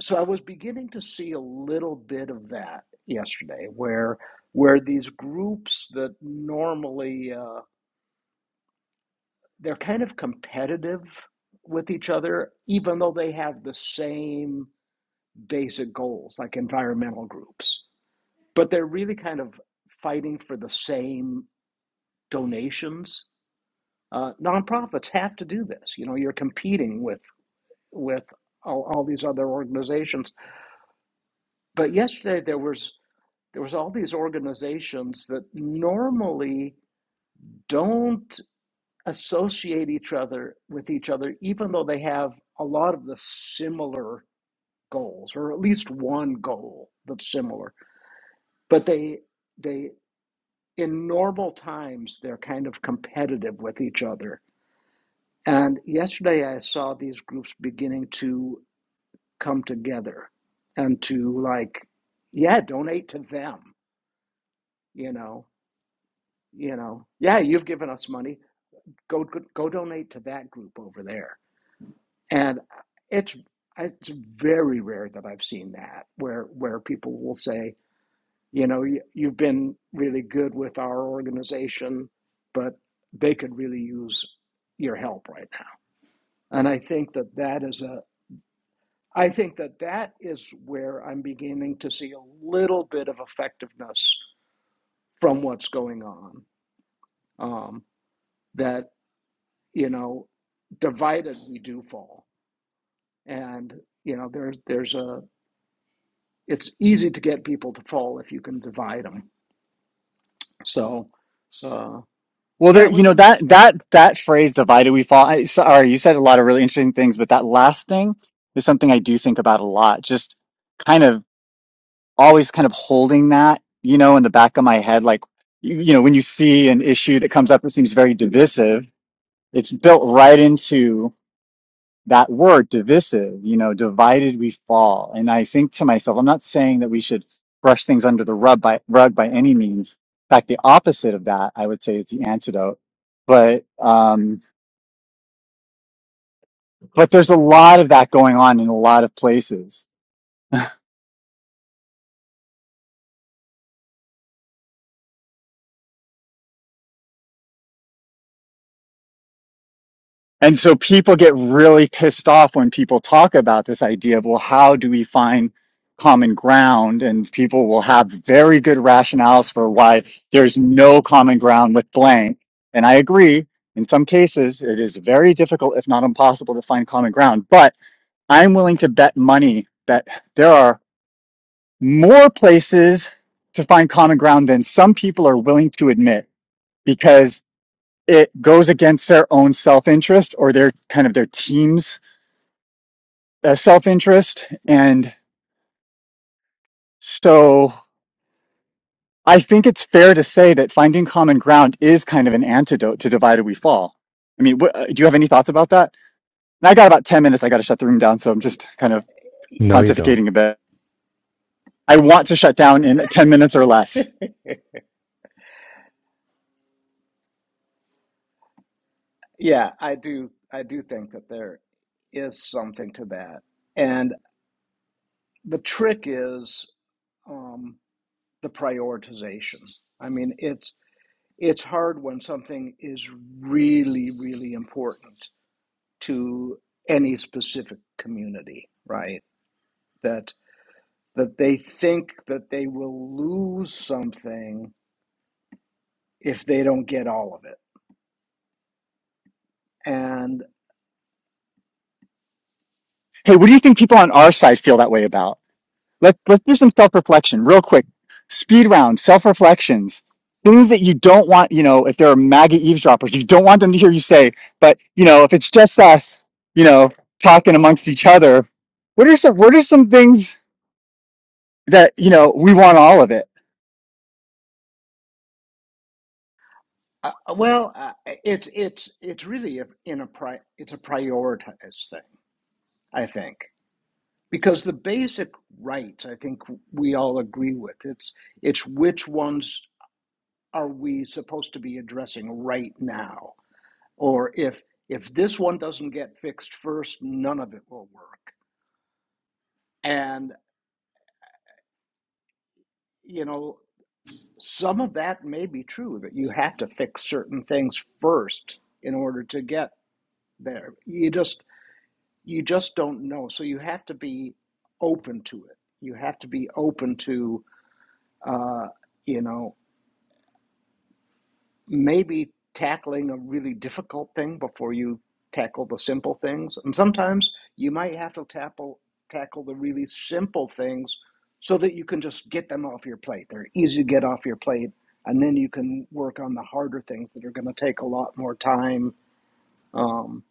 S2: so i was beginning to see a little bit of that yesterday where where these groups that normally uh, they're kind of competitive with each other even though they have the same basic goals like environmental groups, but they're really kind of fighting for the same donations. Uh, nonprofits have to do this. You know, you're competing with with all, all these other organizations. But yesterday there was there was all these organizations that normally don't associate each other with each other, even though they have a lot of the similar goals, or at least one goal that's similar. But they they in normal times, they're kind of competitive with each other. And yesterday, I saw these groups beginning to come together and to like, yeah, donate to them. You know, you know, yeah, you've given us money. Go, go, go donate to that group over there. And it's it's very rare that I've seen that where where people will say, you know you, have been really good with our organization but they could really use your help right now and i think that that is a i think that that is where i'm beginning to see a little bit of effectiveness from what's going on um, that you know divided we do fall and you know there's there's a it's easy to get people to fall if you can divide them so uh,
S1: Well,
S2: yeah
S1: there,
S2: it
S1: you
S2: was
S1: know, that
S2: interesting
S1: that that phrase "divided we fall." I, sorry, you said a lot of really interesting things, but that last thing is something I do think about a lot. Just kind of always kind of holding that, you know, in the back of my head. Like, you, you know, when you see an issue that comes up that seems very divisive, it's built right into that word divisive, you know, divided we fall. And I think to myself, I'm not saying that we should brush things under the rug by rug by any means. In fact, the opposite of that, I would say, is the antidote. But um, but there's a lot of that going on in a lot of places And so people get really pissed off when people talk about this idea of, well, how do we find common ground? And people will have very good rationales for why there's no common ground with blank. And I agree. In some cases, it is very difficult, if not impossible, to find common ground. But I'm willing to bet money that there are more places to find common ground than some people are willing to admit. Because it goes against their own self-interest or their kind of their team's uh, self-interest and so i think it's fair to say that finding common ground is kind of an antidote to divided we fall i mean wh- uh, do you have any thoughts about that and i got about 10 minutes i got to shut the room down so i'm just kind of
S3: No, you don't.
S1: pontificating a bit i want to shut down in 10 minutes or less
S2: Yeah, I do. I do think that there is something to that, and the trick is um, the prioritization. I mean, it's it's hard when something is really, really important to any specific community, right? That that they think that they will lose something if they don't get all of it, and
S1: hey what do you think people on our side feel that way about Let's let's do some self reflection real quick. Speed round, self reflections, things that you don't want. You know, if there are maggot eavesdroppers, you don't want them to hear you say. But you know, if it's just us, you know, talking amongst each other, what are some what are some things that you know we want all of it?
S2: uh, well, uh, it's it's it's really a, in a pri- it's a prioritized thing I think, because the basic right, I think we all agree with it's it's which ones are we supposed to be addressing right now, or if if this one doesn't get fixed first, none of it will work. And you know, some of that may be true that you have to fix certain things first in order to get there. You just you just don't know, so you have to be open to it. You have to be open to uh, you know maybe tackling a really difficult thing before you tackle the simple things. And sometimes you might have to tackle tackle the really simple things so that you can just get them off your plate. They're easy to get off your plate, and then you can work on the harder things that are going to take a lot more time. Um,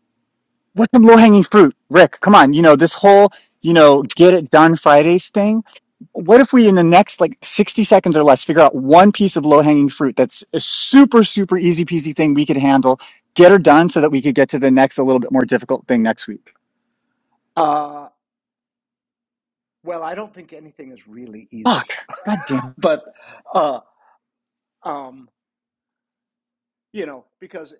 S1: What's some low hanging fruit, Rick? Come on, you know this whole you know get it done Fridays thing. What if we in the next like sixty seconds or less figure out one piece of low hanging fruit that's a super super easy peasy thing we could handle, get her done so that we could get to the next a little bit more difficult thing next week.
S2: uh, well, I don't think anything is really
S1: Fuck,
S2: easy,
S1: god damn,
S2: but uh, um, you know, because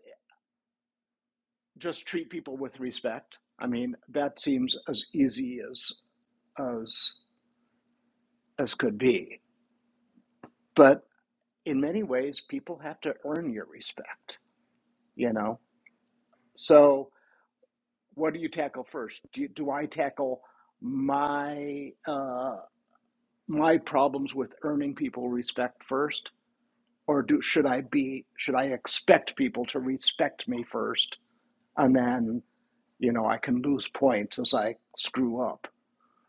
S2: just treat people with respect. I mean, that seems as easy as as as could be. But in many ways, people have to earn your respect. You know. So, what do you tackle first? Do you, do I tackle my uh, my problems with earning people respect first, or do should I be should I expect people to respect me first, and then you know I can lose points as I screw up.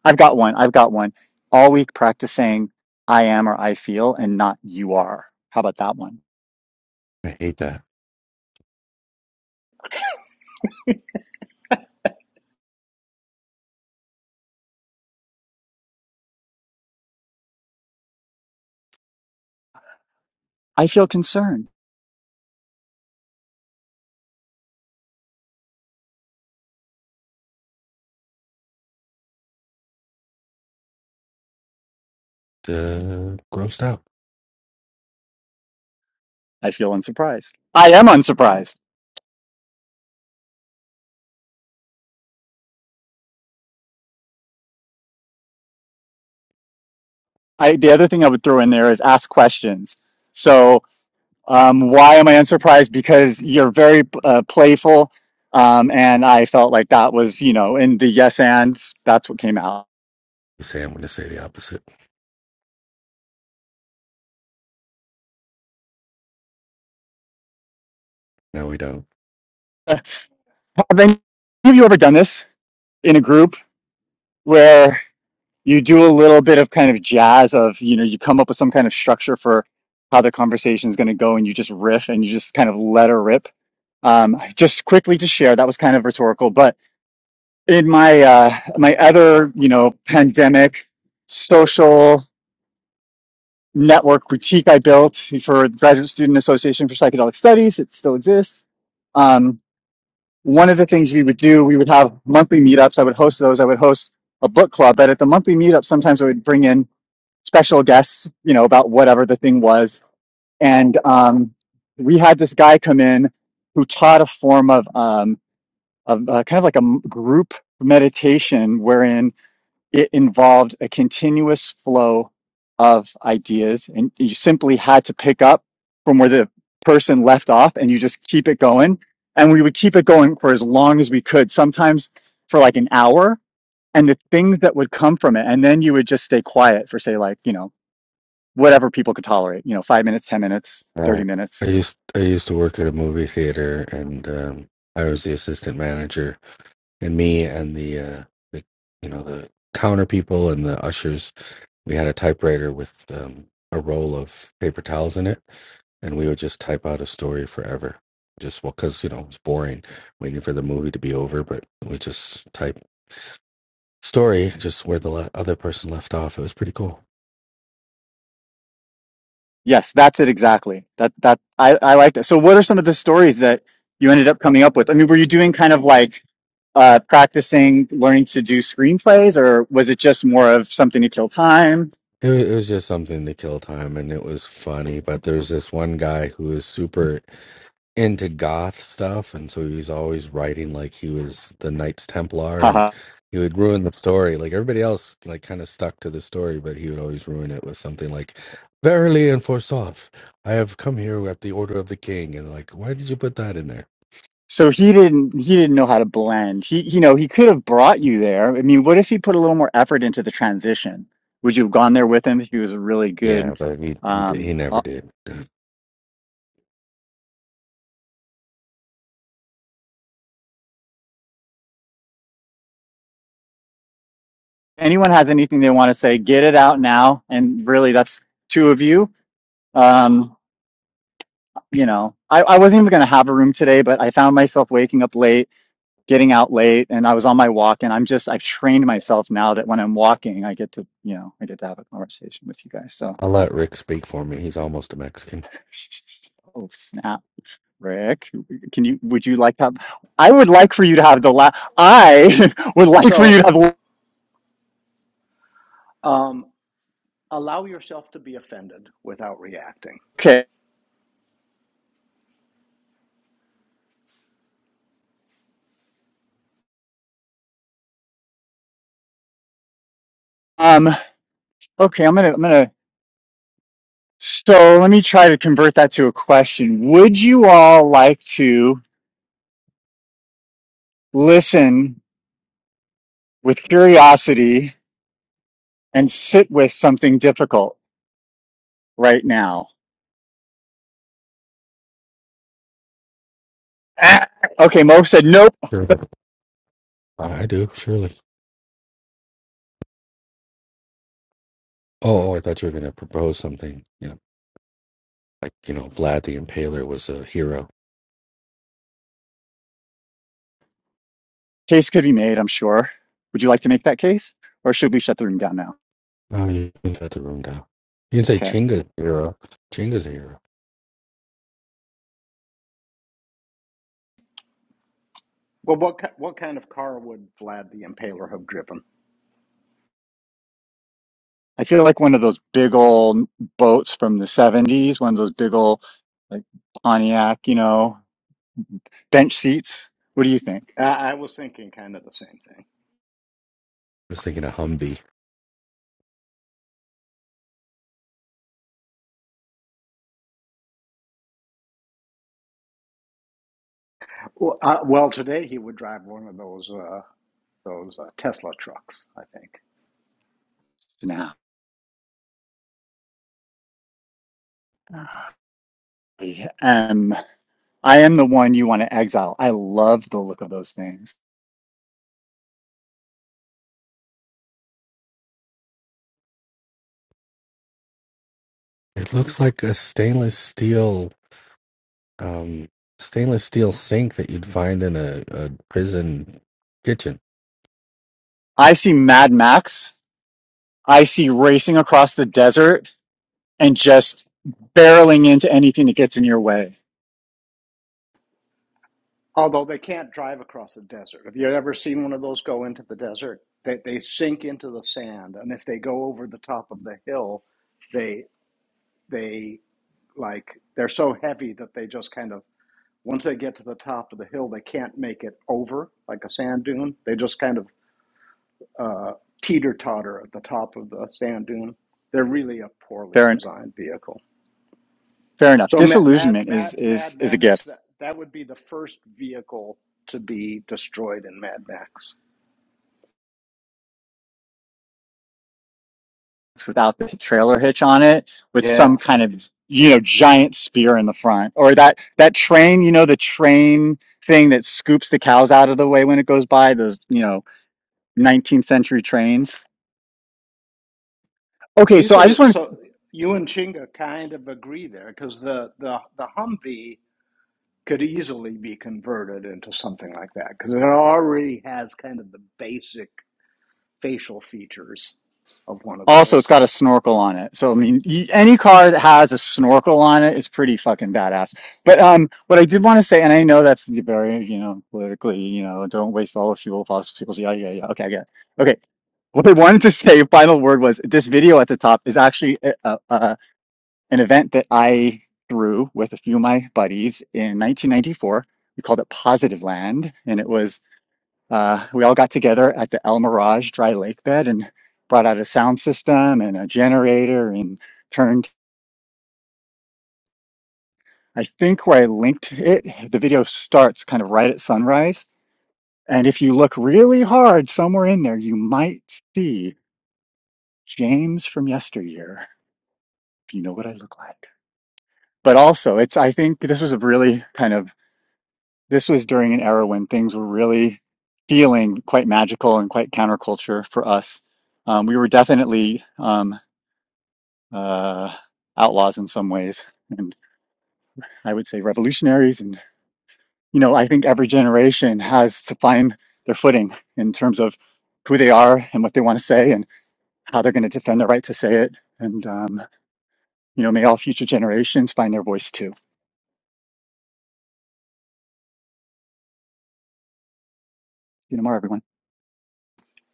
S1: I've got one. I've got one. All week practice saying I am or I feel and not you are. How about that one?
S3: I hate that.
S1: I feel concerned.
S3: Uh, grossed out.
S1: I feel unsurprised. I am unsurprised. I, the other thing I would throw in there is ask questions. So, um, why am I unsurprised? Because you're very uh, playful. Um, and I felt like that was, you know, in the yes ands, that's what came out.
S3: You say I'm going to say the opposite. No, we don't.
S1: Have any of you ever done this in a group where you do a little bit of kind of jazz of you know you come up with some kind of structure for how the conversation is going to go and you just riff and you just kind of let her rip um, just quickly to share that was kind of rhetorical but in my uh, my other you know pandemic social network boutique i built for the graduate student association for psychedelic studies it still exists um, one of the things we would do we would have monthly meetups i would host those i would host a book club but at the monthly meetup sometimes i would bring in special guests, you know, about whatever the thing was. And um, we had this guy come in who taught a form of, um, of uh, kind of like a group meditation wherein it involved a continuous flow of ideas. And you simply had to pick up from where the person left off and you just keep it going. And we would keep it going for as long as we could, sometimes for like an hour. And the things that would come from it. And then you would just stay quiet for, say, like, you know, whatever people could tolerate, you know, five minutes, 10 minutes,
S3: Uh,
S1: 30
S3: I
S1: minutes.
S3: used I used to work at a movie theater, and um, I was the assistant manager. And me and the uh, the you know the counter people and the ushers, we had a typewriter with um, a roll of paper towels in it, and we would just type out a story forever. Just well, because you know it was boring waiting for the movie to be over, but we just type. story, just where the le- other person left off. It was pretty cool.
S1: Yes, that's it exactly. That, that, I, I like that. So what are some of the stories that you ended up coming up with? I mean, were you doing kind of like, uh, practicing learning to do screenplays or was it just more of something to kill time?
S3: It, wa- it was just something to kill time, and it was funny. But there was this one guy who was super into goth stuff, and so he was always writing like he was the Knights Templar, and
S1: Haha.
S3: he would ruin the story. Like everybody else, like kind of stuck to the story, but he would always ruin it with something like, "Verily and forsooth, I have come here at the order of the king." And like, why did you put that in there?
S1: So he didn't he didn't know how to blend. He you know, he could have brought you there. I mean, what if he put a little more effort into the transition? Would you have gone there with him if he was a really
S3: Yeah,
S1: good
S3: but he he, did,
S1: um
S3: he never did.
S1: anyone has anything they want to say, get it out now. And really, that's two of you. Um, you know, I, I wasn't even going to have a room today, but I found myself waking up late, getting out late, and I was on my walk. And I'm just, I've trained myself now that when I'm walking, I get to, you know, I get to have a conversation with you guys. So,
S3: I'll let Rick speak for me. He's almost a Mexican.
S1: oh, snap. Rick, can you, would you like to have, I would like for you to have the last, I would
S2: So,
S1: like for you to
S2: so,
S1: have,
S2: um, allow yourself to be offended without reacting.
S1: okay. Um, okay, I'm gonna, I'm gonna So let me try to convert that to a question. Would you all like to listen with curiosity and sit with something difficult right now? Ah, Okay, Mo said nope.
S3: Sure. I I do, surely. Oh, oh, I thought you were going to propose something, you know, like, you know, Vlad the Impaler was a hero.
S1: Case could be made, I'm sure. Would you like to make that case? Or should we shut the room down now?
S3: Oh, you can shut the room down. You can say
S1: Okay.
S3: Chinga's a hero. Chinga's a hero. I
S2: Well, what what kind of car would Vlad the Impaler have driven?
S1: I feel like one of those big old boats from the 70s, one of those big old like Pontiac, you know, bench seats. What do you think?
S2: I, I was thinking kind of the same thing.
S3: was thinking a Humvee.
S2: Well, uh, well, today he would drive one of those uh, those uh, Tesla trucks, I think.
S1: Nah. I am. I am the one you want to exile. I love the look of those things.
S3: It looks like a stainless steel, um, stainless steel sink that you'd find in a, a prison kitchen.
S1: I see Mad Max. I see racing across the desert and just barreling into anything that gets in your way.
S2: Although they can't drive across the desert. Have you ever seen one of those go into the desert? They they sink into the sand, and if they go over the top of the hill, they they like they're so heavy that they just kind of Once they get to the top of the hill, they can't make it over like a sand dune. They just kind of uh, teeter totter at the top of the sand dune. They're really a poorly
S1: Fair, en-
S2: designed vehicle.
S1: fair enough.
S2: So Mad Mad
S1: Disillusionment is,
S2: Mad,
S1: is,
S2: Mad
S1: is a
S2: Max
S1: gift
S2: that that would be the first vehicle to be destroyed in Mad Max.
S1: It's without the trailer hitch on it with some kind
S2: Yes.
S1: of, you know, giant spear in the front or that, that train, you know, the train thing that scoops the cows out of the way when it goes by those, you know, 19th century trains. Okay.
S2: See,
S1: So I just
S2: so
S1: want to
S2: so you and Chinga kind of agree there because the, the the Humvee could easily be converted into something like that because it already has kind of the basic facial features of one of
S1: Also, it's
S2: those.
S1: got a snorkel on it. So, I mean, y any car that has a snorkel on it is pretty fucking badass. But um, what I did want to say, and I know that's very, you know, politically, you know, don't waste all the fuel, fossil fuels. Yeah, yeah, yeah. Okay, I get it. Okay. What I wanted to say, final word was this video at the top is actually a, a, a, an event that I threw with a few of my buddies in 1994. We called it Positive Land, and it was uh, we all got together at the El Mirage dry lake bed and brought out a sound system and a generator and turned, I think where I linked it, the video starts kind of right at sunrise. And if you look really hard somewhere in there, you might see James from yesteryear, if you know what I look like. But also, it's, I think this was a really kind of, this was during an era when things were really feeling quite magical and quite counterculture for us. Um, we were definitely, um, uh, outlaws in some ways, and I would say revolutionaries. And you know, I think every generation has to find their footing in terms of who they are and what they want to say and how they're going to defend their right to say it. And um, you know, may all future generations find their voice too. You know, more everyone.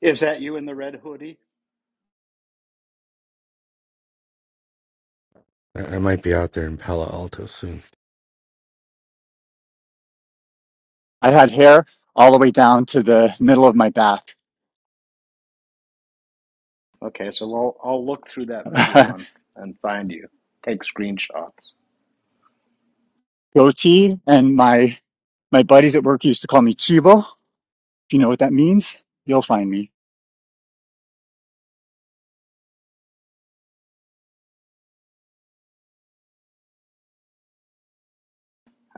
S2: Is that you in the red hoodie?
S3: I, I might be out there in Palo Alto soon.
S1: I had hair all the way down to the middle of my back,
S2: Okay, so I'll, I'll look through that video and, and find you. Take screenshots.
S1: goatee, and my my buddies at work used to call me Chivo. If you know what that means, you'll find me.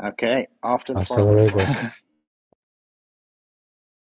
S2: Okay, off to the
S3: Hasta
S2: farmer's
S3: luego.
S2: market.